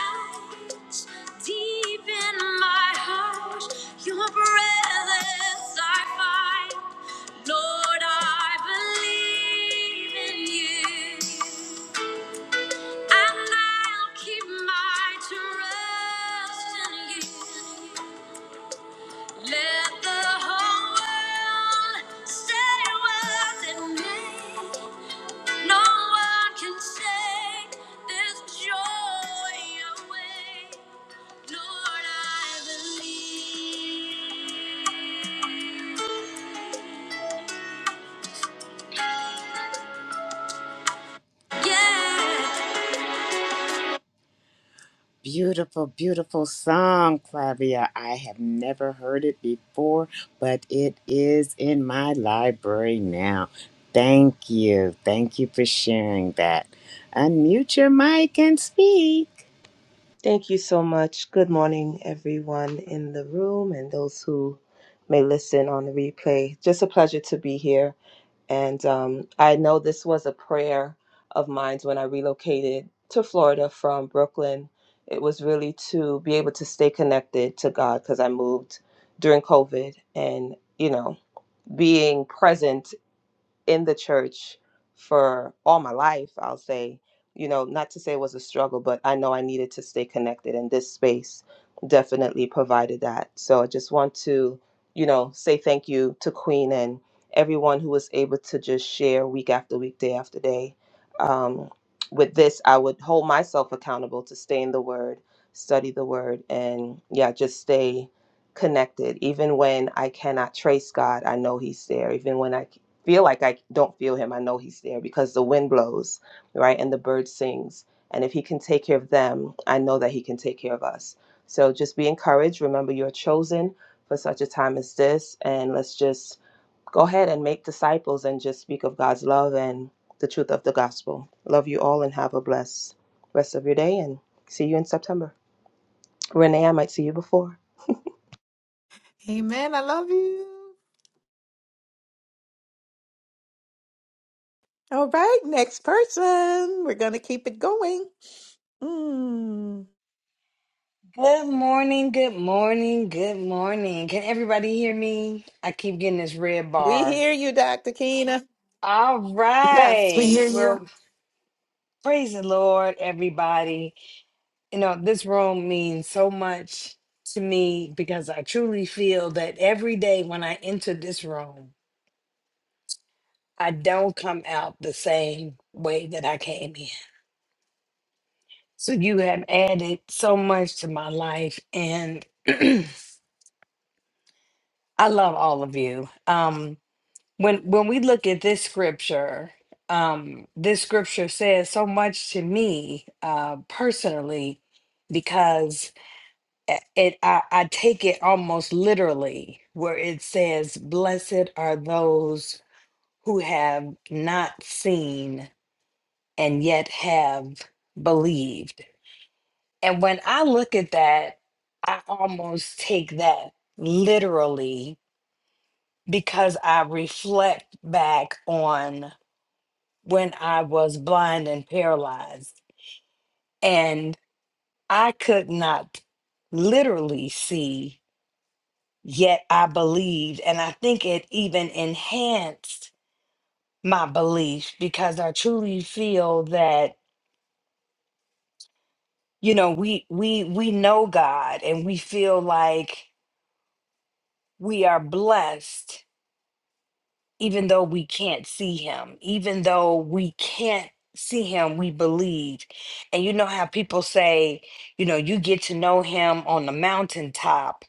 Speaker 3: eyes, deep in my heart. Your presence I find. Lord, I believe in you. And I'll keep my trust in you. Let the whole world say what it may. No one can take this joy away. Lord, I believe. Yeah. Beautiful, beautiful song, Flavia. I have never heard it before, but it is in my library now. Thank you. Thank you for sharing that. Unmute your mic and speak.
Speaker 8: Thank you so much. Good morning, everyone in the room and those who may listen on the replay. Just a pleasure to be here. And um, I know this was a prayer of mine when I relocated to Florida from Brooklyn. It was really to be able to stay connected to God because I moved during COVID and, you know, being present in the church for all my life, I'll say, you know, not to say it was a struggle, but I know I needed to stay connected, and this space definitely provided that. So I just want to, you know, say thank you to Queen and everyone who was able to just share week after week, day after day. Um, with this, I would hold myself accountable to stay in the Word, study the Word, and yeah, just stay connected. Even when I cannot trace God, I know He's there. Even when I feel like I don't feel him. I know he's there because the wind blows, right? And the bird sings. And if he can take care of them, I know that he can take care of us. So just be encouraged. Remember, you're chosen for such a time as this. And let's just go ahead and make disciples and just speak of God's love and the truth of the gospel. Love you all and have a blessed rest of your day and see you in September. Renee, I might see you before.
Speaker 5: Amen. I love you.
Speaker 1: All right, next person. We're going to keep it going. Mm.
Speaker 9: Good morning, good morning, good morning. Can everybody hear me? I keep getting this red
Speaker 1: We
Speaker 9: bar.
Speaker 1: hear you, Dr. Keena.
Speaker 9: All
Speaker 5: Yes, we
Speaker 9: right.
Speaker 5: hear you.
Speaker 9: Well, praise the Lord, everybody. You know, this room means so much to me because I truly feel that every day when I enter this room, I don't come out the same way that I came in. So you have added so much to my life and [CLEARS THROAT] I love all of you. Um when when we look at this scripture um this scripture says so much to me uh personally because i- it I, I take it almost literally where it says blessed are those who have not seen and yet have believed and when i look at that i almost take that literally because i reflect back on when I was blind and paralyzed, and I could not literally see, yet I believed. And I think it even enhanced my belief because I truly feel that, you know, we we we know God and we feel like we are blessed even though we can't see him, even though we can't see him, we believe. And you know how people say, you know, you get to know him on the mountaintop,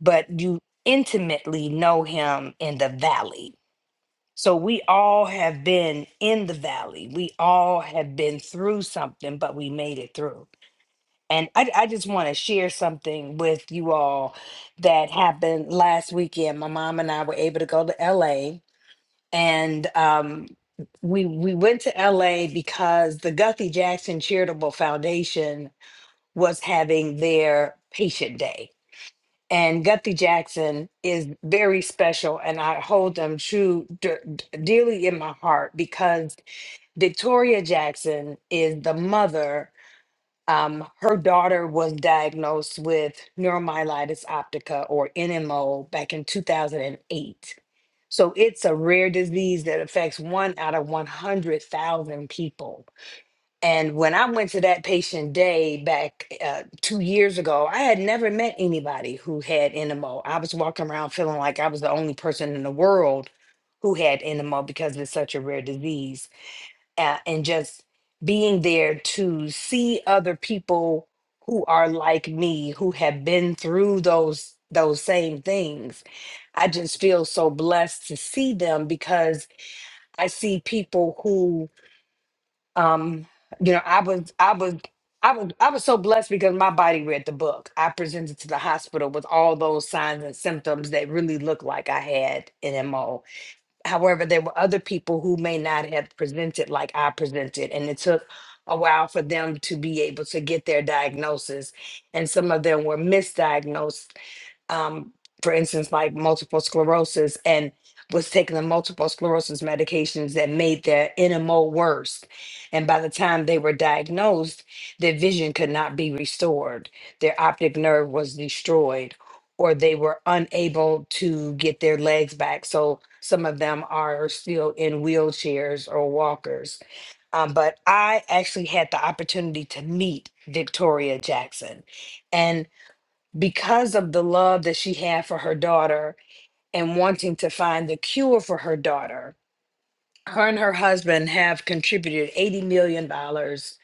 Speaker 9: but you intimately know him in the valley. So we all have been in the valley. We all have been through something, but we made it through. And I, I just want to share something with you all that happened last weekend. My mom and I were able to go to LA and um, we we went to LA because the Guthrie Jackson Charitable Foundation was having their patient day. And Guthrie Jackson is very special, and I hold them true de- dearly in my heart because Victoria Jackson is the mother um, her daughter was diagnosed with neuromyelitis optica or NMO back in 2008. So it's a rare disease that affects one out of 100,000 people. And when I went to that patient day back uh, two years ago, I had never met anybody who had NMO. I was walking around feeling like I was the only person in the world who had NMO because it's such a rare disease uh, and just being there to see other people who are like me who have been through those those same things i just feel so blessed to see them because i see people who um you know i was i was I was I was so blessed because my body read the book. I presented to the hospital with all those signs and symptoms that really looked like I had an MO However, there were other people who may not have presented like I presented, and it took a while for them to be able to get their diagnosis. And some of them were misdiagnosed um, for instance, like multiple sclerosis and was taking the multiple sclerosis medications that made their NMO worse. And by the time they were diagnosed, their vision could not be restored. Their optic nerve was destroyed, or they were unable to get their legs back. So some of them are still in wheelchairs or walkers. Um, but I actually had the opportunity to meet Victoria Jackson. And because of the love that she had for her daughter and wanting to find the cure for her daughter, her and her husband have contributed $80 million dollars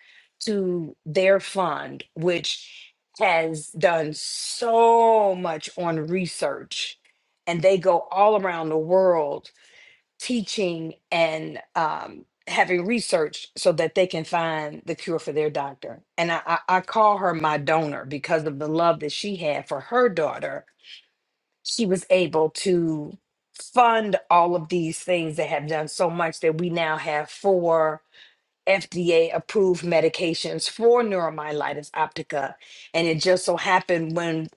Speaker 9: to their fund, which has done so much on research. And they go all around the world teaching and um, having research so that they can find the cure for their doctor. And I, I, I call her my donor because of the love that she had for her daughter she was able to fund all of these things that have done so much that we now have four FDA approved medications for neuromyelitis optica. And it just so happened when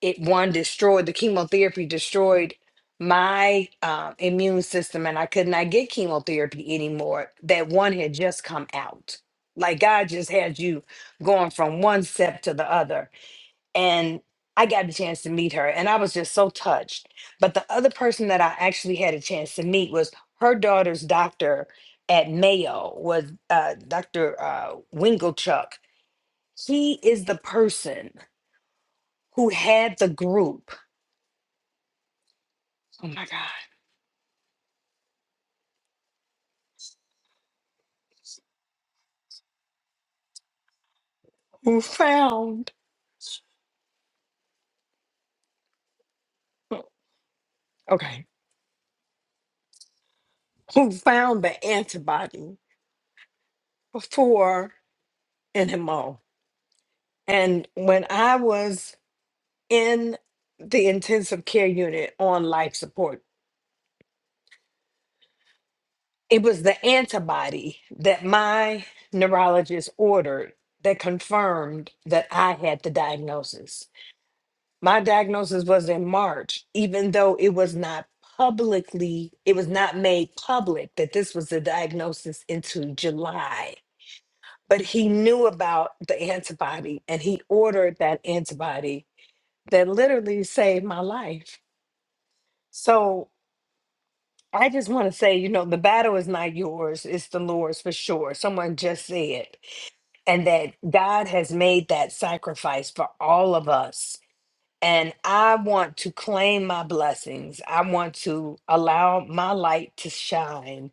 Speaker 9: it one destroyed the chemotherapy, destroyed my uh, immune system, and I could not get chemotherapy anymore. That one had just come out. Like God just had you going from one step to the other and I got the chance to meet her, and I was just so touched. But the other person that I actually had a chance to meet was her daughter's doctor at Mayo was uh, Dr. Uh, Winkelchuck. He is the person who had the group. Oh my God! Who found? Okay, who found the antibody for NMO? And when I was in the intensive care unit on life support. it was the antibody that my neurologist ordered that confirmed that I had the diagnosis. My diagnosis was in March, even though it was not publicly, it was not made public that this was the diagnosis into July. But he knew about the antibody and he ordered that antibody that literally saved my life. So I just want to say, you know, the battle is not yours, it's the Lord's for sure. Someone just said. and that God has made that sacrifice for all of us. And I want to claim my blessings. I want to allow my light to shine.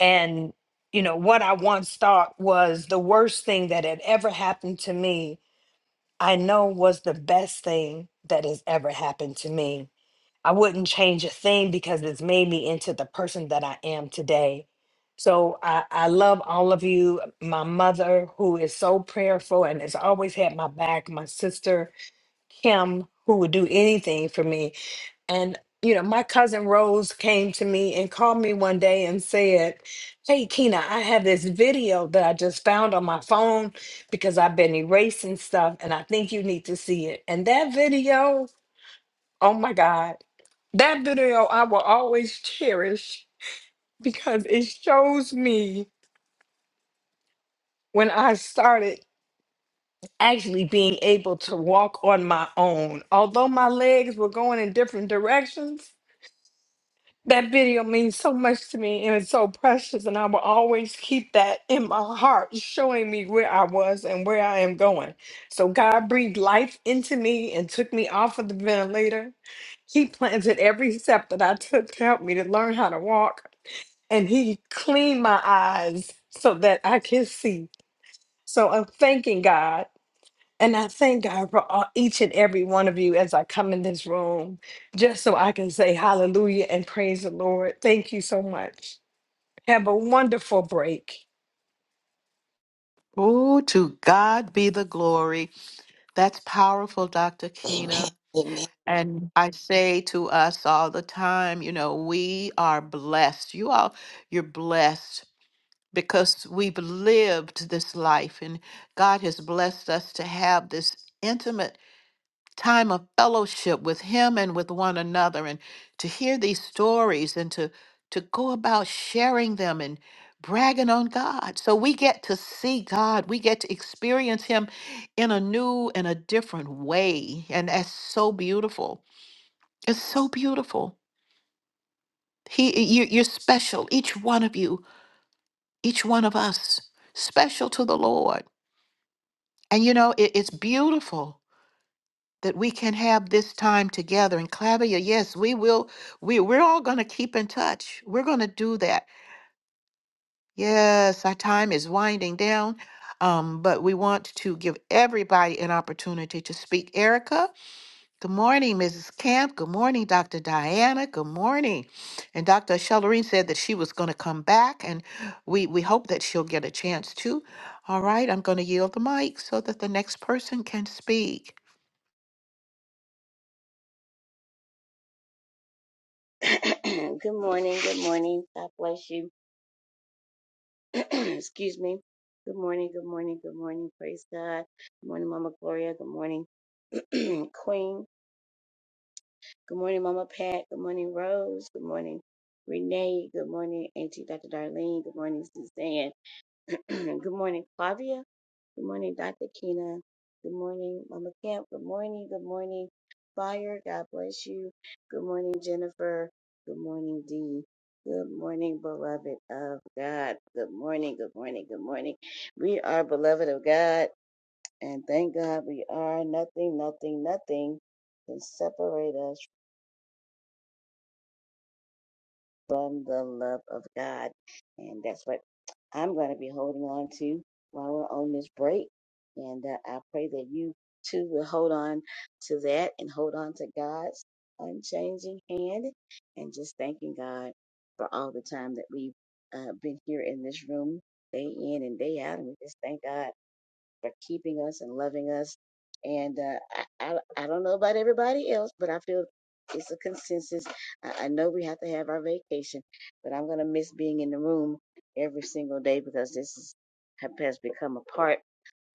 Speaker 9: And, you know, what I once thought was the worst thing that had ever happened to me, I know was the best thing that has ever happened to me I wouldn't change a thing because it's made me into the person that I am today. So I, I love all of you. My mother, who is so prayerful and has always had my back, my sister, Kim, who would do anything for me. And, you know, my cousin Rose came to me and called me one day and said, Hey, Kina, I have this video that I just found on my phone because I've been erasing stuff and I think you need to see it. And that video Oh my God. That video I will always cherish because it shows me when I started actually being able to walk on my own. Although my legs were going in different directions, that video means so much to me and it's so precious. And I will always keep that in my heart, showing me where I was and where I am going. So God breathed life into me and took me off of the ventilator. He planted every step that I took to help me to learn how to walk. and he cleaned my eyes so that I can see. So I'm thanking God. And I thank God for all, each and every one of you as I come in this room, just so I can say hallelujah and praise the Lord. Thank you so much. Have a wonderful break.
Speaker 1: Oh, to God be the glory. That's powerful, Dr. Keena. And I say to us all the time, you know, we are blessed. You all, you're blessed because we've lived this life and God has blessed us to have this intimate time of fellowship with him and with one another and to hear these stories and to to go about sharing them and bragging on God. So we get to see God. We get to experience him in a new and a different way. And that's so beautiful. It's so beautiful. He you you're special, each one of you, each one of us, special to the Lord. And you know, it, it's beautiful that we can have this time together. And Clavia, yes, we will. We we're all going to keep in touch. We're going to do that. Yes, our time is winding down, um, but we want to give everybody an opportunity to speak. Erica, good morning, Mrs. Camp. Good morning, Dr. Diana. Good morning. And Dr. Shellerine said that she was going to come back, and we we hope that she'll get a chance to. All right, I'm going to yield the mic so that the next person can speak.
Speaker 10: [COUGHS] [CLEARS THROAT] good morning. Good morning. God bless you. [COUGHS] [CLEARS THROAT] Excuse me. Good morning. Good morning. Good morning. Praise God. Good morning, Mama Gloria. Good morning, [COUGHS] [CLEARS THROAT] Queen. Good morning, Mama Pat. Good morning, Rose. Good morning, Renee. Good morning, Auntie Dr. Darlene. Good morning, Suzanne. [CLEARS THROAT] Good morning, Flavia. Good morning, Dr. Kina. Good morning, Mama Camp. Good morning. Good morning, Fire. God bless you. Good morning, Jennifer. Good morning, Dee. Good morning, beloved of God. Good morning. Good morning. Good morning. We are beloved of God, and thank God we are nothing, nothing, nothing can separate us from the love of God. And that's what I'm going to be holding on to while we're on this break. And uh, I pray that you too will hold on to that and hold on to God's unchanging hand and just thanking God for all the time that we've uh, been here in this room day in and day out. And we just thank God for keeping us and loving us. And uh, I, I, I don't know about everybody else, but I feel it's a consensus. I, I know we have to have our vacation, but I'm going to miss being in the room every single day because this is, has become a part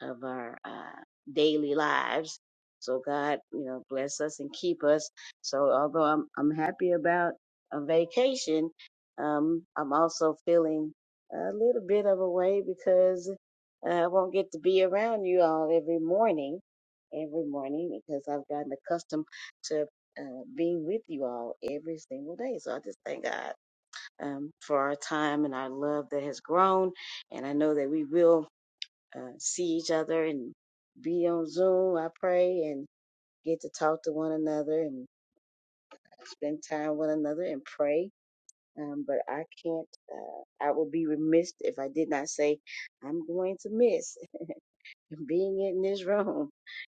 Speaker 10: of our uh, daily lives. So God, you know, bless us and keep us. So although I'm I'm happy about a vacation, um, I'm also feeling a little bit of a way because uh, I won't get to be around you all every morning, every morning because I've gotten accustomed to uh, being with you all every single day. So I just thank God um, for our time and our love that has grown, and I know that we will uh, see each other and be on Zoom. I pray and get to talk to one another and spend time with one another and pray. Um, but I can't, uh, I would be remiss if I did not say I'm going to miss [LAUGHS] being in this room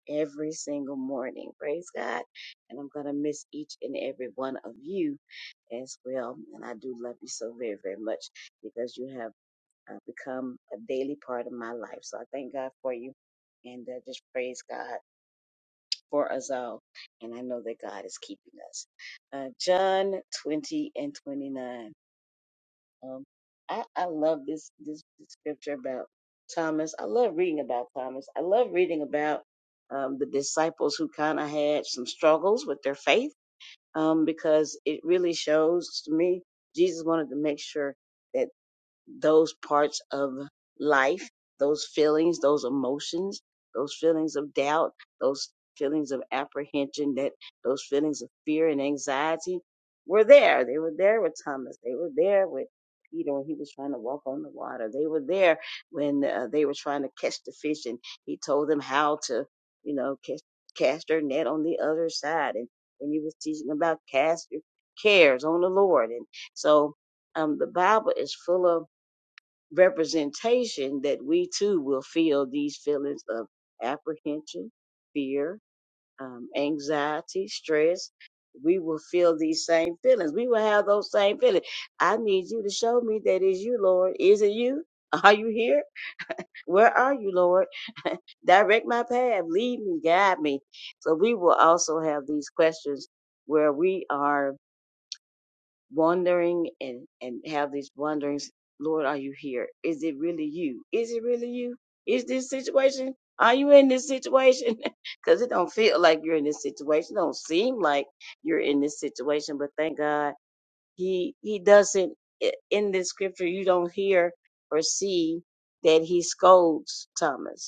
Speaker 10: every single morning. Praise God. And I'm going to miss each and every one of you as well. And I do love you so very, very much because you have uh, become a daily part of my life. So I thank God for you and uh, just praise God for us all. And I know that God is keeping us. Uh, John 20 and 29. Um, I, I love this, this this scripture about Thomas. I love reading about Thomas. I love reading about um, the disciples who kind of had some struggles with their faith um, because it really shows to me Jesus wanted to make sure that those parts of life, those feelings, those emotions, those feelings of doubt, those feelings of apprehension, that those feelings of fear and anxiety were there. They were there with Thomas. They were there with Peter when he was trying to walk on the water. They were there when uh, they were trying to catch the fish, and he told them how to, you know, cast, cast their net on the other side. And when he was teaching about cast your cares on the Lord, and so um, the Bible is full of representation that we too will feel these feelings of apprehension, fear, um, anxiety, stress. We will feel these same feelings. We will have those same feelings. I need you to show me that is you, Lord. Is it you? [LAUGHS] Are you here? Where are you, Lord? Direct my path. Lead me, guide me. So we will also have these questions where we are Wandering and and have these wanderings, lord are you here is it really you is it really you is this situation are you in this situation [LAUGHS] because it don't feel like you're in this situation it don't seem like you're in this situation but thank god he he doesn't i- in this scripture you don't hear or see that he scolds thomas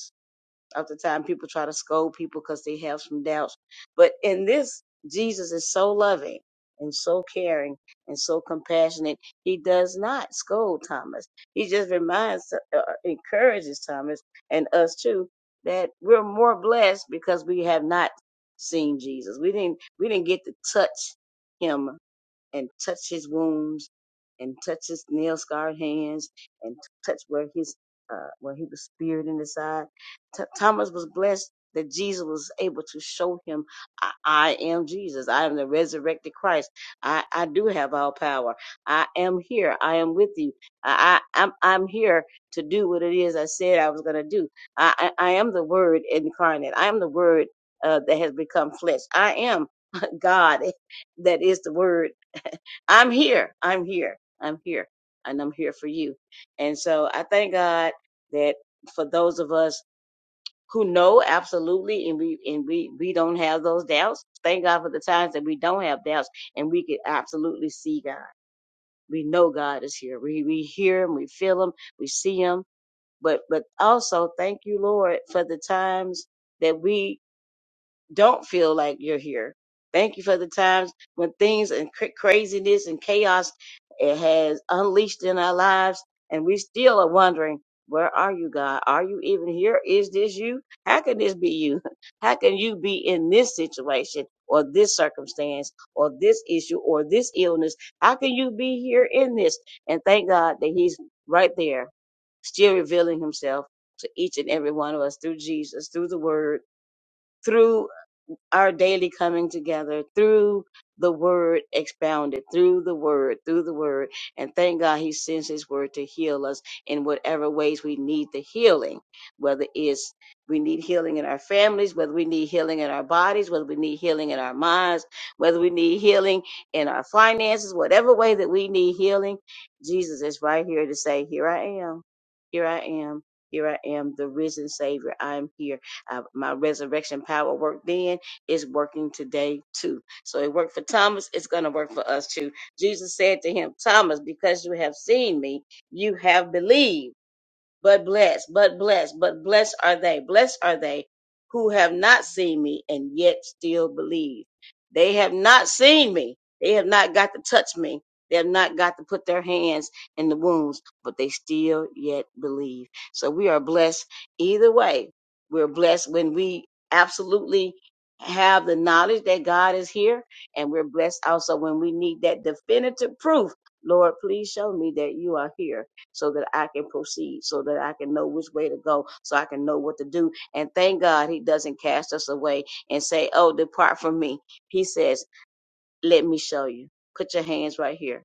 Speaker 10: of the time people try to scold people because they have some doubts. But in this, Jesus is so loving and so caring and so compassionate. He does not scold Thomas. He just reminds, uh, uh, encourages Thomas and us too that we're more blessed because we have not seen Jesus. We didn't, we didn't get to touch him and touch his wounds and touch his nail scarred hands and touch where his uh, where he was speared in the side. T- Thomas was blessed that Jesus was able to show him, I, I am Jesus. I am the resurrected Christ. I, I do have all power. I am here. I am with you. I, I, I'm, I'm here to do what it is I said I was going to do. I, I, I am the Word incarnate. I am the Word uh, that has become flesh. I am [LAUGHS] God that is the Word I'm here. I'm here. I'm here. And I'm here for you. And so I thank God that for those of us who know absolutely and we and we we don't have those doubts. Thank God for the times that we don't have doubts and we can absolutely see God. We know God is here. We we hear him, we feel him, we see him. But but also thank you, Lord, for the times that we don't feel like you're here. Thank you for the times when things and cra- craziness and chaos it has unleashed in our lives, and we still are wondering, where are you, God? Are you even here? Is this you? How can this be you? [LAUGHS] How can you be in this situation or this circumstance or this issue or this illness? How can you be here in this? And thank God that He's right there, still revealing Himself to each and every one of us through Jesus, through the Word, through our daily coming together through the word expounded, through the word, through the word. And thank God he sends his word to heal us in whatever ways we need the healing, whether it's we need healing in our families, whether we need healing in our bodies, whether we need healing in our minds, whether we need healing in our finances, whatever way that we need healing, Jesus is right here to say, Here I am, here I am, here I am, the risen Savior. I'm here. I, my resurrection power worked then is working today too. So it worked for Thomas, it's going to work for us too. Jesus said to him, Thomas, because you have seen me, you have believed but blessed, but blessed, but blessed are they, blessed are they who have not seen me and yet still believe. They have not seen me. They have not got to touch me. They have not got to put their hands in the wounds, but they still yet believe. So we are blessed either way. We're blessed when we absolutely have the knowledge that God is here, and we're blessed also when we need that definitive proof. Lord, please show me that you are here so that I can proceed, so that I can know which way to go, so I can know what to do. And thank God he doesn't cast us away and say, Oh, depart from me. He says, let me show you. Put your hands right here.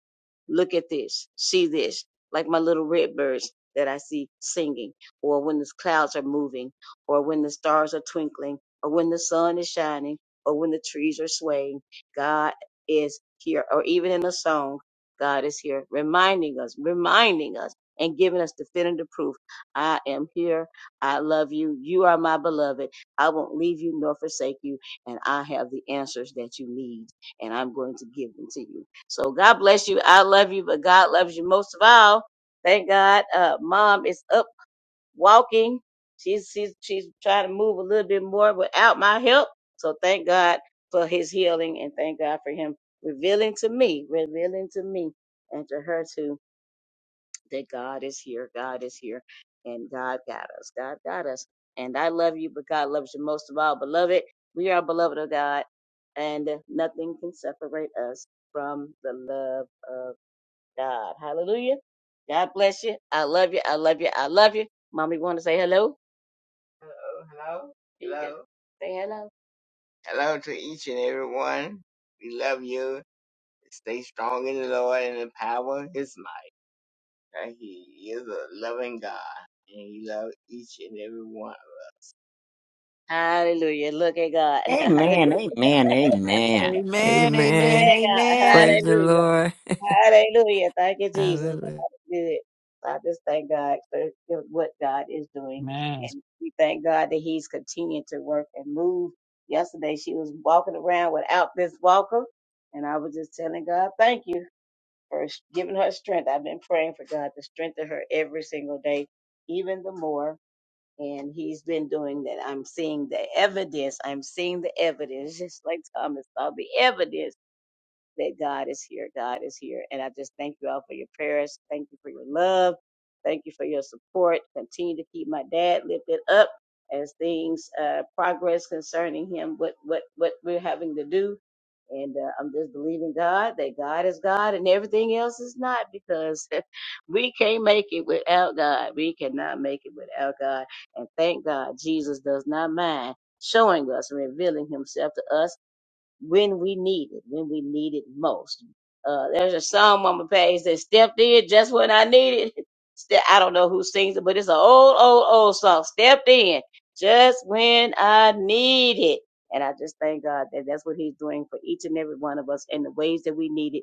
Speaker 10: Look at this. See this. Like my little red birds that I see singing, or when the clouds are moving, or when the stars are twinkling, or when the sun is shining, or when the trees are swaying. God is here. Or even in a song, God is here, reminding us, reminding us, and giving us definitive proof. I am here. I love you. You are my beloved. I won't leave you nor forsake you. And I have the answers that you need and I'm going to give them to you. So God bless you. I love you, but God loves you most of all. Thank God. Uh, mom is up walking. She's, she's, she's trying to move a little bit more without my help. So thank God for his healing and thank God for him revealing to me, revealing to me and to her too that God is here, God is here, and God got us, God got us. And I love you, but God loves you most of all. Beloved, we are beloved of God, and nothing can separate us from the love of God. Hallelujah. God bless you. I love you. I love you. I love you. Mommy, want to say hello? Hello. Hello. Hello. Say hello. Hello to each and every one. We love you. Stay strong in the Lord and the power of His might that He is a loving God and He loves each and every one of us. Hallelujah. Look at God. [LAUGHS]
Speaker 3: Amen,
Speaker 10: Hallelujah.
Speaker 3: amen, amen.
Speaker 1: Amen,
Speaker 10: Look
Speaker 1: amen,
Speaker 11: Amen.
Speaker 10: at God.
Speaker 1: amen.
Speaker 11: Praise the Lord.
Speaker 10: Hallelujah. Hallelujah. Thank you, Jesus.
Speaker 11: Hallelujah.
Speaker 10: God is good. So I just thank God for what God is doing.
Speaker 7: Amen.
Speaker 10: And we thank God that He's continuing to work and move. Yesterday, she was walking around without this walker. And I was just telling God, thank you for giving her strength. I've been praying for God to strengthen her every single day, even the more. and he's been doing that. I'm seeing the evidence. I'm seeing the evidence, just like Thomas saw the evidence that God is here. God is here. And I just thank you all for your prayers. Thank you for your love. Thank you for your support. Continue to keep my dad lifted up as things uh, progress concerning him, what, what, what we're having to do. And uh, I'm just believing God that God is God and everything else is not because [LAUGHS] we can't make it without God. We cannot make it without God. And thank God Jesus does not mind showing us and revealing himself to us when we need it, when we need it most. Uh, there's a song, on my Page, that stepped in just when I needed it. [LAUGHS] Ste- I don't know who sings it, but it's an old, old, old song. Stepped in just when I need it. And I just thank God that that's what He's doing for each and every one of us in the ways that we need it.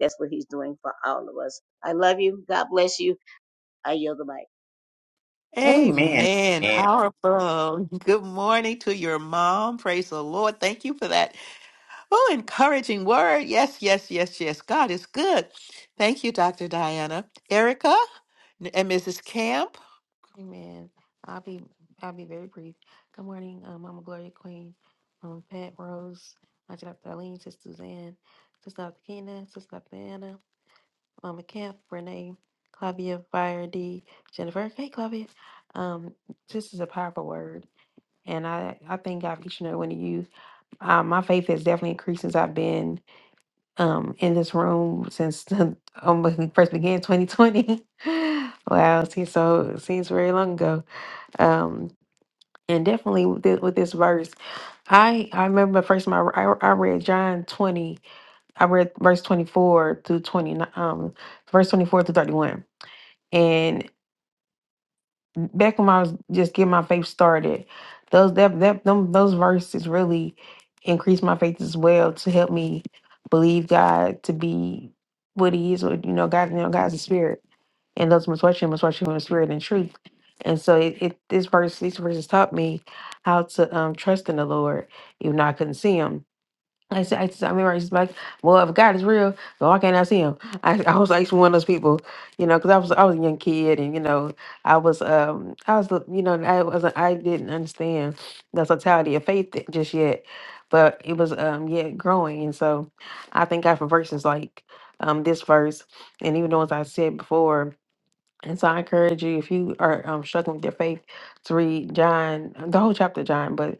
Speaker 10: That's what He's doing for all of us. I love you. God bless you. I yield the mic.
Speaker 3: Amen,
Speaker 1: Amen.
Speaker 3: amen.
Speaker 1: Powerful. Good morning to your mom. Praise the Lord. Thank you for that. Oh, encouraging word. Yes, yes, yes, yes. God is good. Thank you, Dr. Diana. Erica and Mrs. Camp.
Speaker 12: Amen. I'll be I'll be very brief. Good morning, um, Mama Gloria Queen, um, Pat Rose, Auntie Dr. Eileen, Sister Suzanne, Sister Dr. Kena, Sister Dr. Anna, Mama Camp, Renee, Clavia, Fire D, Jennifer. Hey, Clavia. Um, this is a powerful word, and I I thank God for each and every one of you. Um, my faith has definitely increased since I've been um in this room since [LAUGHS] um, when we first began 2020. [LAUGHS] wow, see, so it seems very long ago. Um, and definitely with this, with this verse, I I remember the first my I, re- I I read John twenty. I read verse twenty four through twenty nine, um, verse twenty four to thirty one. And back when I was just getting my faith started, those that that them, those verses really increased my faith as well to help me believe God to be what He is, or you know, God, you know, God's a spirit and those must watch you must watch you in spirit and truth. And so it, it this verse these verses taught me how to um trust in the Lord, even though I couldn't see him. I said, I, said- I remember I used to be like, well, if God is real, then why can't I see him? [LAUGHS] I, I was like one of those people, you know, because I was I was a young kid, and you know, I was um I was the- you know I wasn't I didn't understand the totality of faith th- just yet, but it was um yet growing, and so I thank God for verses like um this verse, and even the ones I said before, and so I encourage you, if you are um, struggling with your faith, to read John, the whole chapter of John, but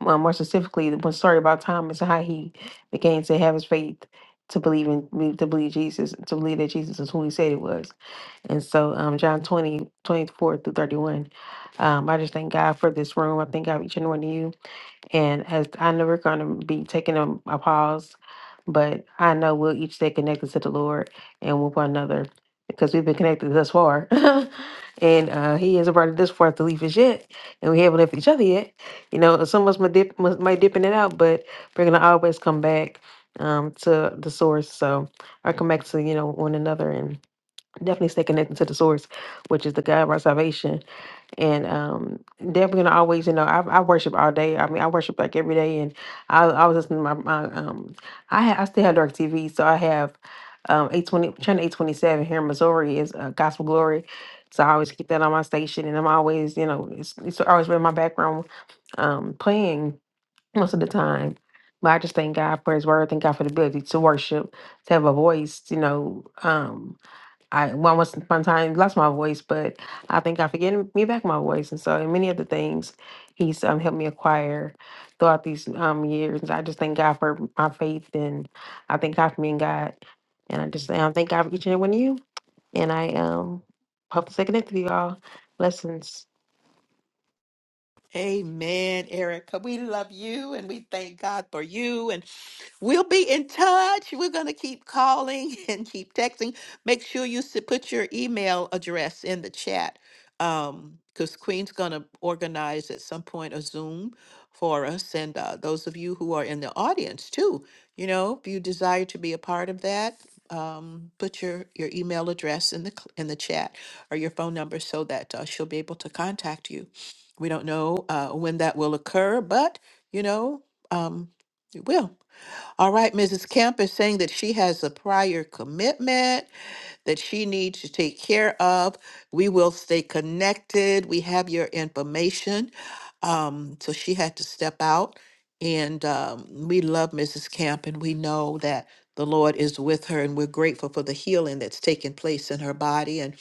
Speaker 12: um, more specifically, the one story about Thomas and how he began to have his faith to believe in believe- to believe Jesus, to believe that Jesus is who he said he was. And so um, John 20 24 through 31. Um, I just thank God for this room. I thank God for each and one of you. And as I know we're going to be taking a, a pause, but I know we'll each stay connected to the Lord and with one another because we've been connected thus far. [LAUGHS] and uh, He hasn't brought it this far to leave us yet, and we haven't left each other yet. You know, some of us might dip, must- might dip in and out, but we're going to always come back um, to the source. So I come back to, you know, one another and definitely stay connected to the source, which is the God of our salvation and um definitely gonna always you know I, I worship all day i mean i worship like every day and i, I was listening to my, my um i ha- i still have dark tv so i have um 820 channel 827 here in missouri is uh, gospel glory so i always keep that on my station and i'm always you know it's, it's always been my background um playing most of the time but i just thank god for his word thank god for the ability to worship to have a voice you know um I well, once upon a time lost my voice, but I think I forget me back my voice, and so and many other things he's um, helped me acquire throughout these um years. I just thank God for my faith, and I thank God for me and God, and I just um, thank God for each and every one of you. And I um hope to stay connected with you all. Blessings.
Speaker 1: Amen, Erica. We love you and we thank God for you. And We'll be in touch. We're going to keep calling [LAUGHS] and keep texting. Make sure you s- put your email address in the chat um, because Queen's going to organize at some point a Zoom for us. And uh, those of you who are in the audience, too, you know, if you desire to be a part of that, um, put your, your email address in the cl- in the chat or your phone number so that uh, she'll be able to contact you. We don't know uh, when that will occur, but you know, um, it will. All right, Mrs. Kemp is saying that she has a prior commitment that she needs to take care of. We will stay connected. We have your information. Um, so she had to step out. And um, we love Mrs. Camp, and we know that the Lord is with her, and we're grateful for the healing that's taken place in her body. And,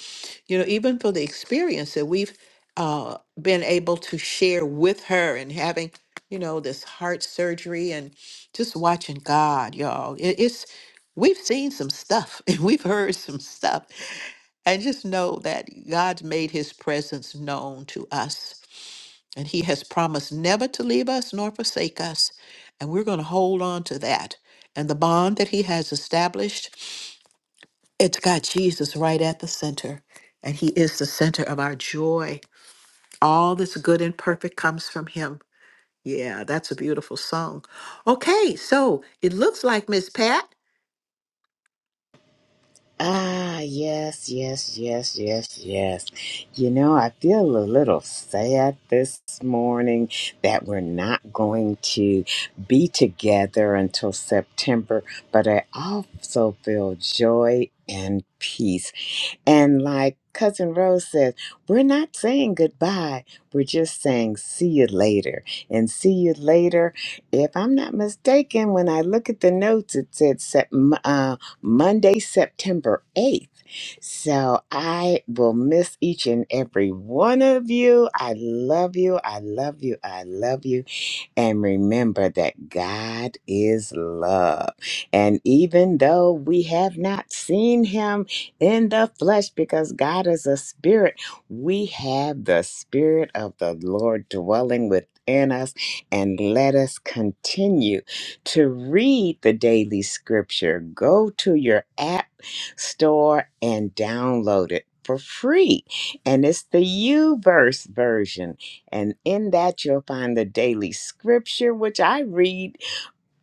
Speaker 1: you know, even for the experience that we've uh, been able to share with her and having, you know, this heart surgery just watching God, y'all. It, it's we've seen some stuff [LAUGHS] and we've heard some stuff, and just know that God's made His presence known to us, and He has promised never to leave us nor forsake us, and we're going to hold on to that. And the bond that He has established, it's got Jesus right at the center, and He is the center of our joy. All that's good and perfect comes from Him. Yeah, that's a beautiful song. Okay, so it looks like Miss Pat.
Speaker 3: Ah, yes, yes, yes, yes, yes. You know, I feel a little sad this morning that we're not going to be together until September, but I also feel joy and peace and like Cousin Rose says, we're not saying goodbye. We're just saying see you later. And see you later. If I'm not mistaken, when I look at the notes, it said Sep- m- uh, Monday, September 8th. So I will miss each and every one of you. I love you. I love you. I love you. And remember that God is love. And even though we have not seen him in the flesh, because God is a spirit, we have the spirit of the Lord dwelling within us. And let us continue to read the daily scripture. Go to your app store and download it for free. And it's the U verse version and in that, you'll find the daily scripture, which I read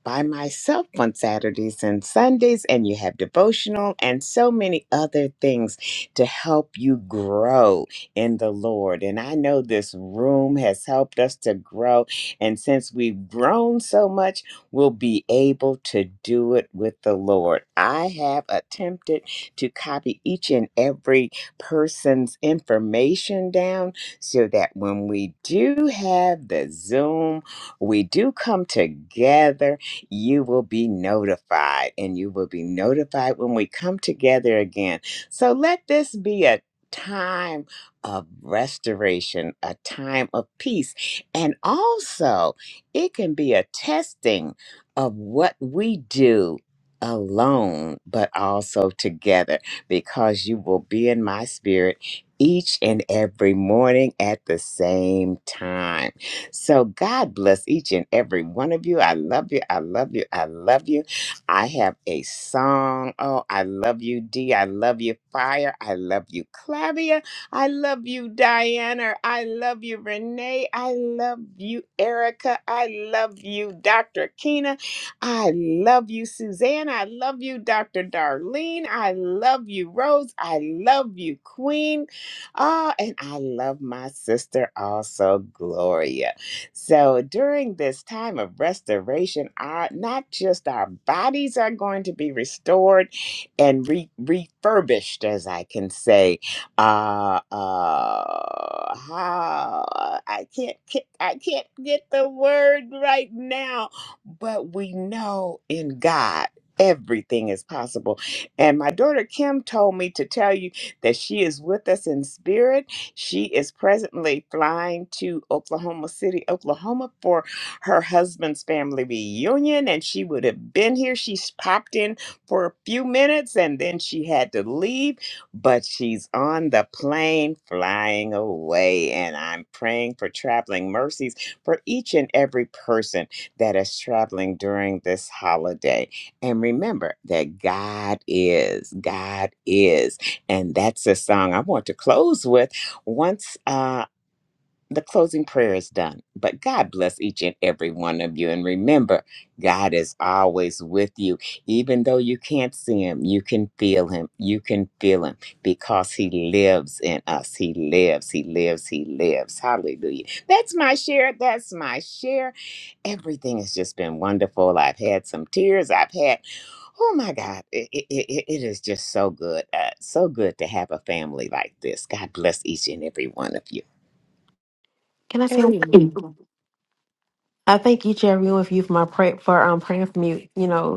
Speaker 3: by myself on Saturdays and Sundays, and you have devotional and so many other things to help you grow in the Lord. And I know this room has helped us to grow. And since we've grown so much, we'll be able to do it with the Lord. I have attempted to copy each and every person's information down so that when we do have the Zoom, we do come together you will be notified, and you will be notified when we come together again. So let this be a time of restoration, a time of peace, and also it can be a testing of what we do alone, but also together, because you will be in my spirit each and every morning at the same time. So God bless each and every one of you. I love you. I love you. I love you. I have a song. Oh, I love you, D. I love you, Fire. I love you, Clavia. I love you, Diana. I love you, Renee. I love you, Erica. I love you, Dr. Keena. I love you, Suzanne. I love you, Dr. Darlene. I love you, Rose. I love you, Queen. Ah, and I love my sister also, Gloria. So during this time of restoration, our not just our bodies are going to be restored and re- refurbished, as I can say. Uh, uh, how I can't, ki- I can't get the word right now, but we know in God. Everything is possible. And my daughter Kim told me to tell you that she is with us in spirit she is presently flying to Oklahoma City, Oklahoma for her husband's family reunion, and she would have been here. She's popped in for a few minutes and then she had to leave, but she's on the plane flying away. And I'm praying for traveling mercies for each and every person that is traveling during this holiday. And remember that God is, God is. And that's a song I want to close with once uh, the closing prayer is done. But God bless each and every one of you. And remember, God is always with you. Even though you can't see him, you can feel him. You can feel him because he lives in us. He lives, he lives, he lives. Hallelujah. That's my share. That's my share. Everything has just been wonderful. I've had some tears. I've had Oh my God, it, it, it it is just so good. Uh, so good to have a family like this. God bless each and every one of you.
Speaker 12: Can I say one
Speaker 1: Amen.
Speaker 12: thing? I thank each and every one of you for my pray for um praying for me. You know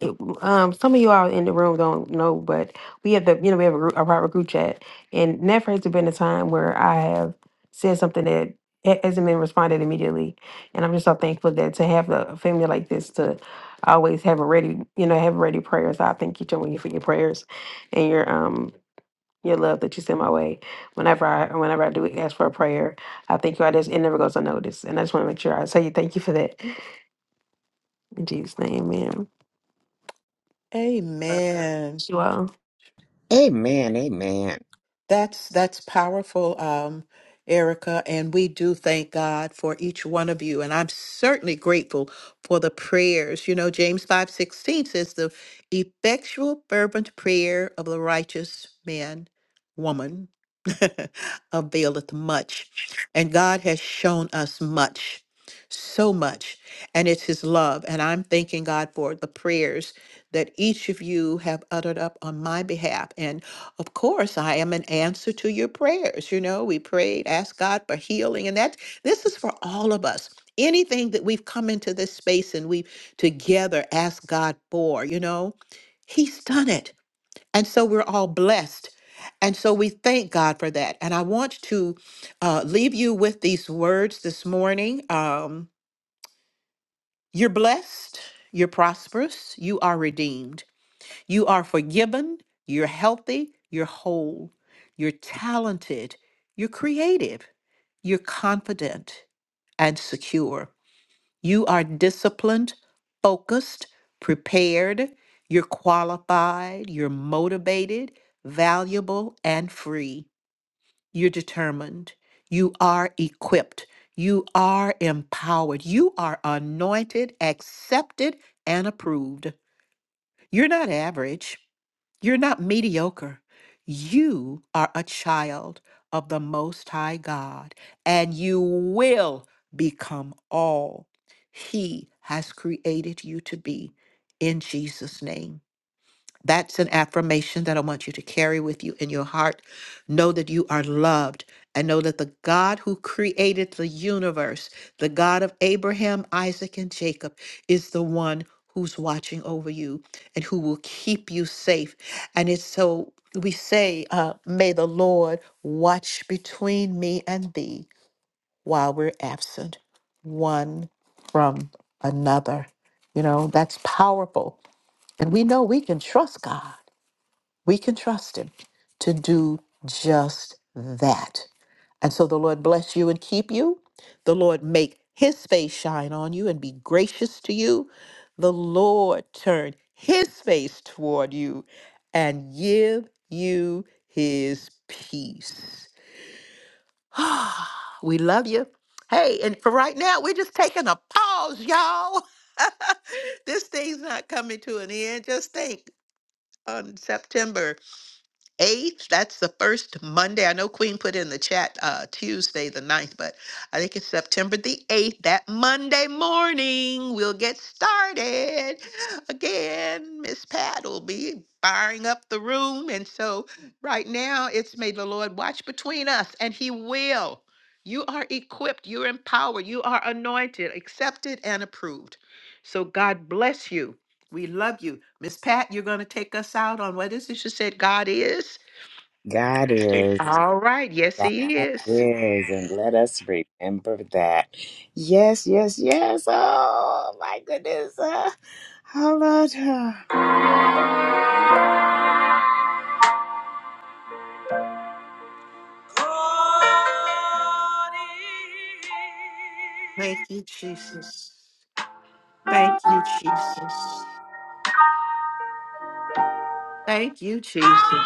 Speaker 12: it- um, some of you all in the room don't know, but we have the you know we have a, group, a private group chat, and never has there been a time where I have said something that ha- hasn't been responded immediately, and I'm just so thankful that to have a family like this to always have a ready you know have ready prayers. I thank each one of you for your prayers and your um your love that you send my way. Whenever I whenever I do ask for a prayer, I thank you. I just it never goes unnoticed, and I just want to make sure I say thank you for that in Jesus' name, Amen.
Speaker 1: Amen.
Speaker 12: Thank You all.
Speaker 3: Amen, amen.
Speaker 1: That's that's powerful, um, Erica, and we do thank God for each one of you. And I'm certainly grateful for the prayers. You know, James five sixteen says the effectual fervent prayer of the righteous man, woman, [LAUGHS] availeth much. And God has shown us much, so much. And it's his love. And I'm thanking God for the prayers that each of you have uttered up on my behalf. And of course, I am an answer to your prayers. You know, we prayed, asked God for healing, and that's. this is for all of us. Anything that we've come into this space and we've together asked God for, you know, He's done it. And so we're all blessed. And so we thank God for that. And I want to uh, leave you with these words this morning. Um, you're blessed, you're prosperous, you are redeemed. You are forgiven, you're healthy, you're whole, you're talented, you're creative, you're confident and secure. You are disciplined, focused, prepared, you're qualified, you're motivated, valuable, and free. You're determined. You are equipped. You are empowered. You are anointed, accepted, and approved. You're not average. You're not mediocre. You are a child of the Most High God, and you will become all He has created you to be in Jesus' name. That's an affirmation that I want you to carry with you in your heart. Know that you are loved and know that the God who created the universe, the God of Abraham, Isaac, and Jacob, is the one who's watching over you and who will keep you safe. And it's so we say, uh, May the Lord watch between me and thee while we're absent one from another. You know, that's powerful. And we know we can trust God we can trust Him to do just that. And so the Lord bless you and keep you. The Lord make His face shine on you and be gracious to you. The Lord turn His face toward you and give you His peace. [GASPS] Ah, we love you. Hey, and for right now, we're just taking a pause, y'all. [LAUGHS] this thing's not coming to an end. Just think on September 8th. That's the first Monday. I know Queen put in the chat uh, Tuesday the ninth, but I think it's September the 8th. That Monday morning, we'll get started. Again, Miss Pat will be firing up the room. And so right now, it's may the Lord watch between us, and He will. You are equipped, you're empowered, you are anointed, accepted, and approved. So God bless you we love you. Miss Pat, you're going to take us out on what is it? You said God is?
Speaker 3: God is,
Speaker 1: All right. Yes,
Speaker 3: God
Speaker 1: He is.
Speaker 3: is, and let us remember that. Yes, yes, yes. Oh, my goodness. Uh, oh, Lord.
Speaker 1: Thank you, Jesus. Thank you, Jesus. Thank you, Jesus.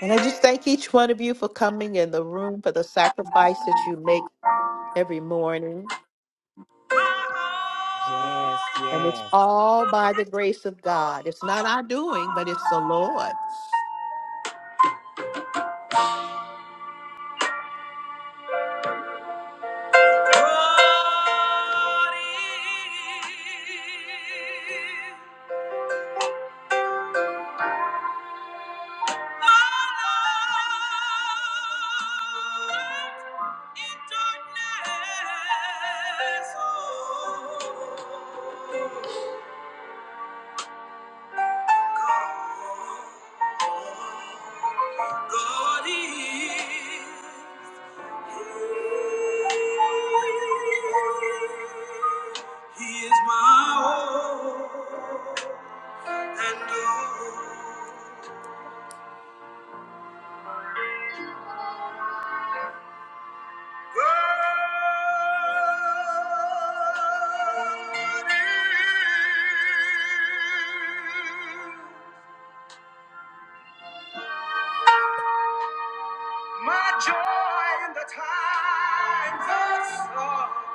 Speaker 1: And I just
Speaker 3: uh.
Speaker 1: thank each one of you for coming in the room for the sacrifice that you make every morning.
Speaker 3: Yes,
Speaker 1: And it's
Speaker 3: yes.
Speaker 1: all by the grace of God. It's not our doing, but it's the Lord.
Speaker 3: God, is He is my all and all. God is my joy in the times of sorrow.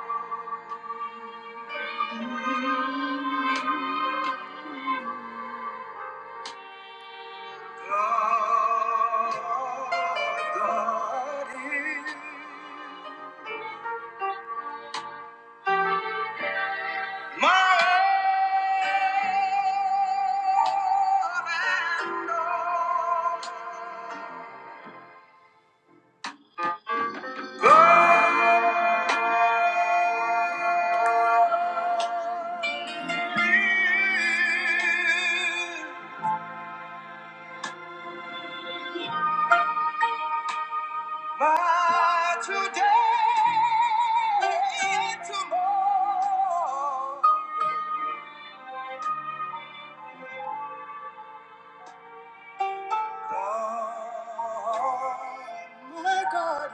Speaker 3: Today, tomorrow. My God is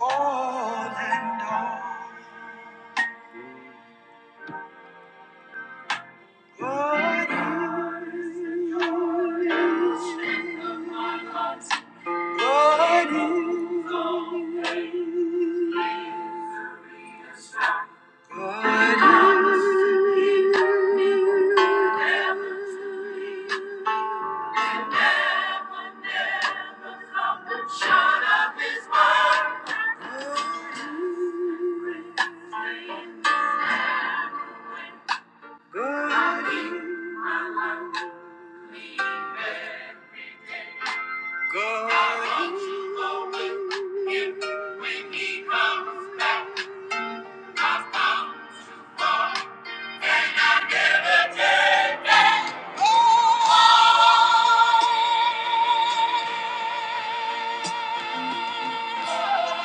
Speaker 3: all and all. God is, God is, God is,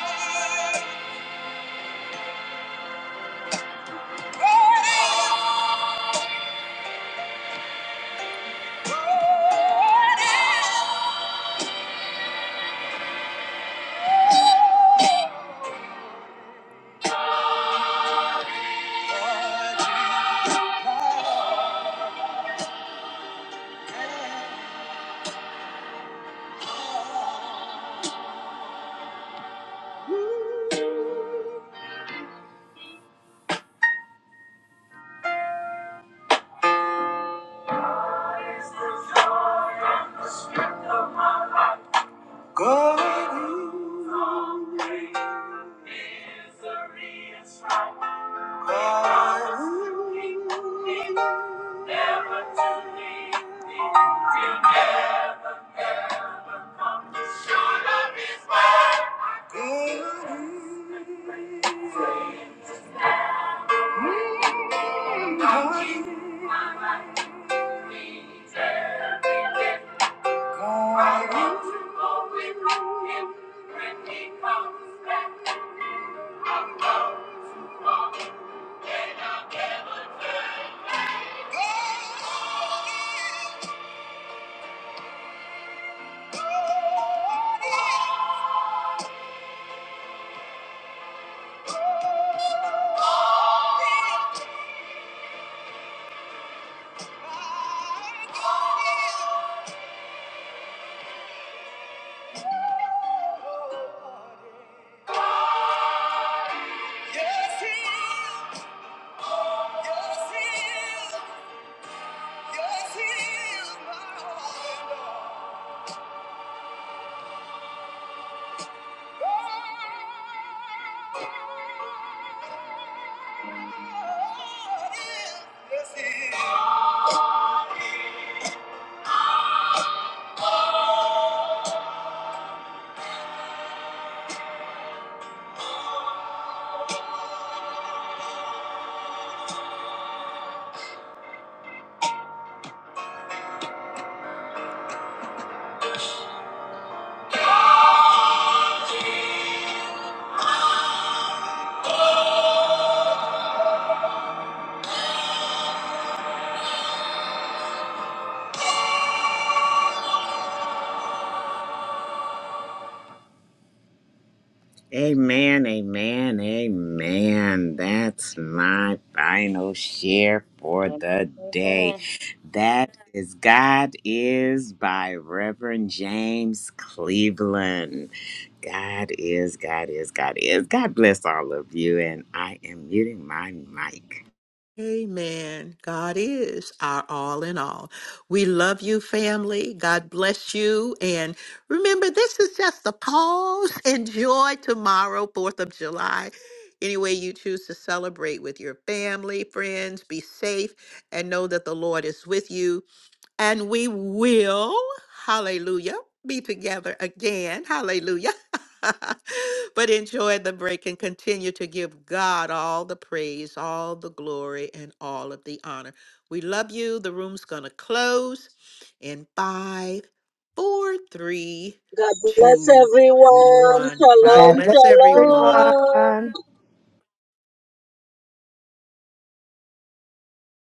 Speaker 3: Yes, he is. Yes, he is. Yes, he is my Lord. Amen, amen, amen. That's my final share for the day.
Speaker 10: Amen.
Speaker 3: That is God is by Reverend James Cleveland. God is, God is, God is. God bless all of you. And I am muting my mic.
Speaker 1: Amen. God is our all in all. We love you, family. God bless you. And remember, this is just a pause. [LAUGHS] Enjoy tomorrow, 4th of July. Any way you choose to celebrate with your family, friends, be safe, and know that the Lord is with you and we will, hallelujah, be together again, hallelujah. [LAUGHS] but enjoy the break and continue to give God all the praise, all the glory, and all of the honor. We love you. The room's going to close in five, four, three,
Speaker 4: God bless
Speaker 1: two,
Speaker 4: everyone.
Speaker 1: one. God
Speaker 4: Shalom,
Speaker 1: bless everyone.
Speaker 4: shalom.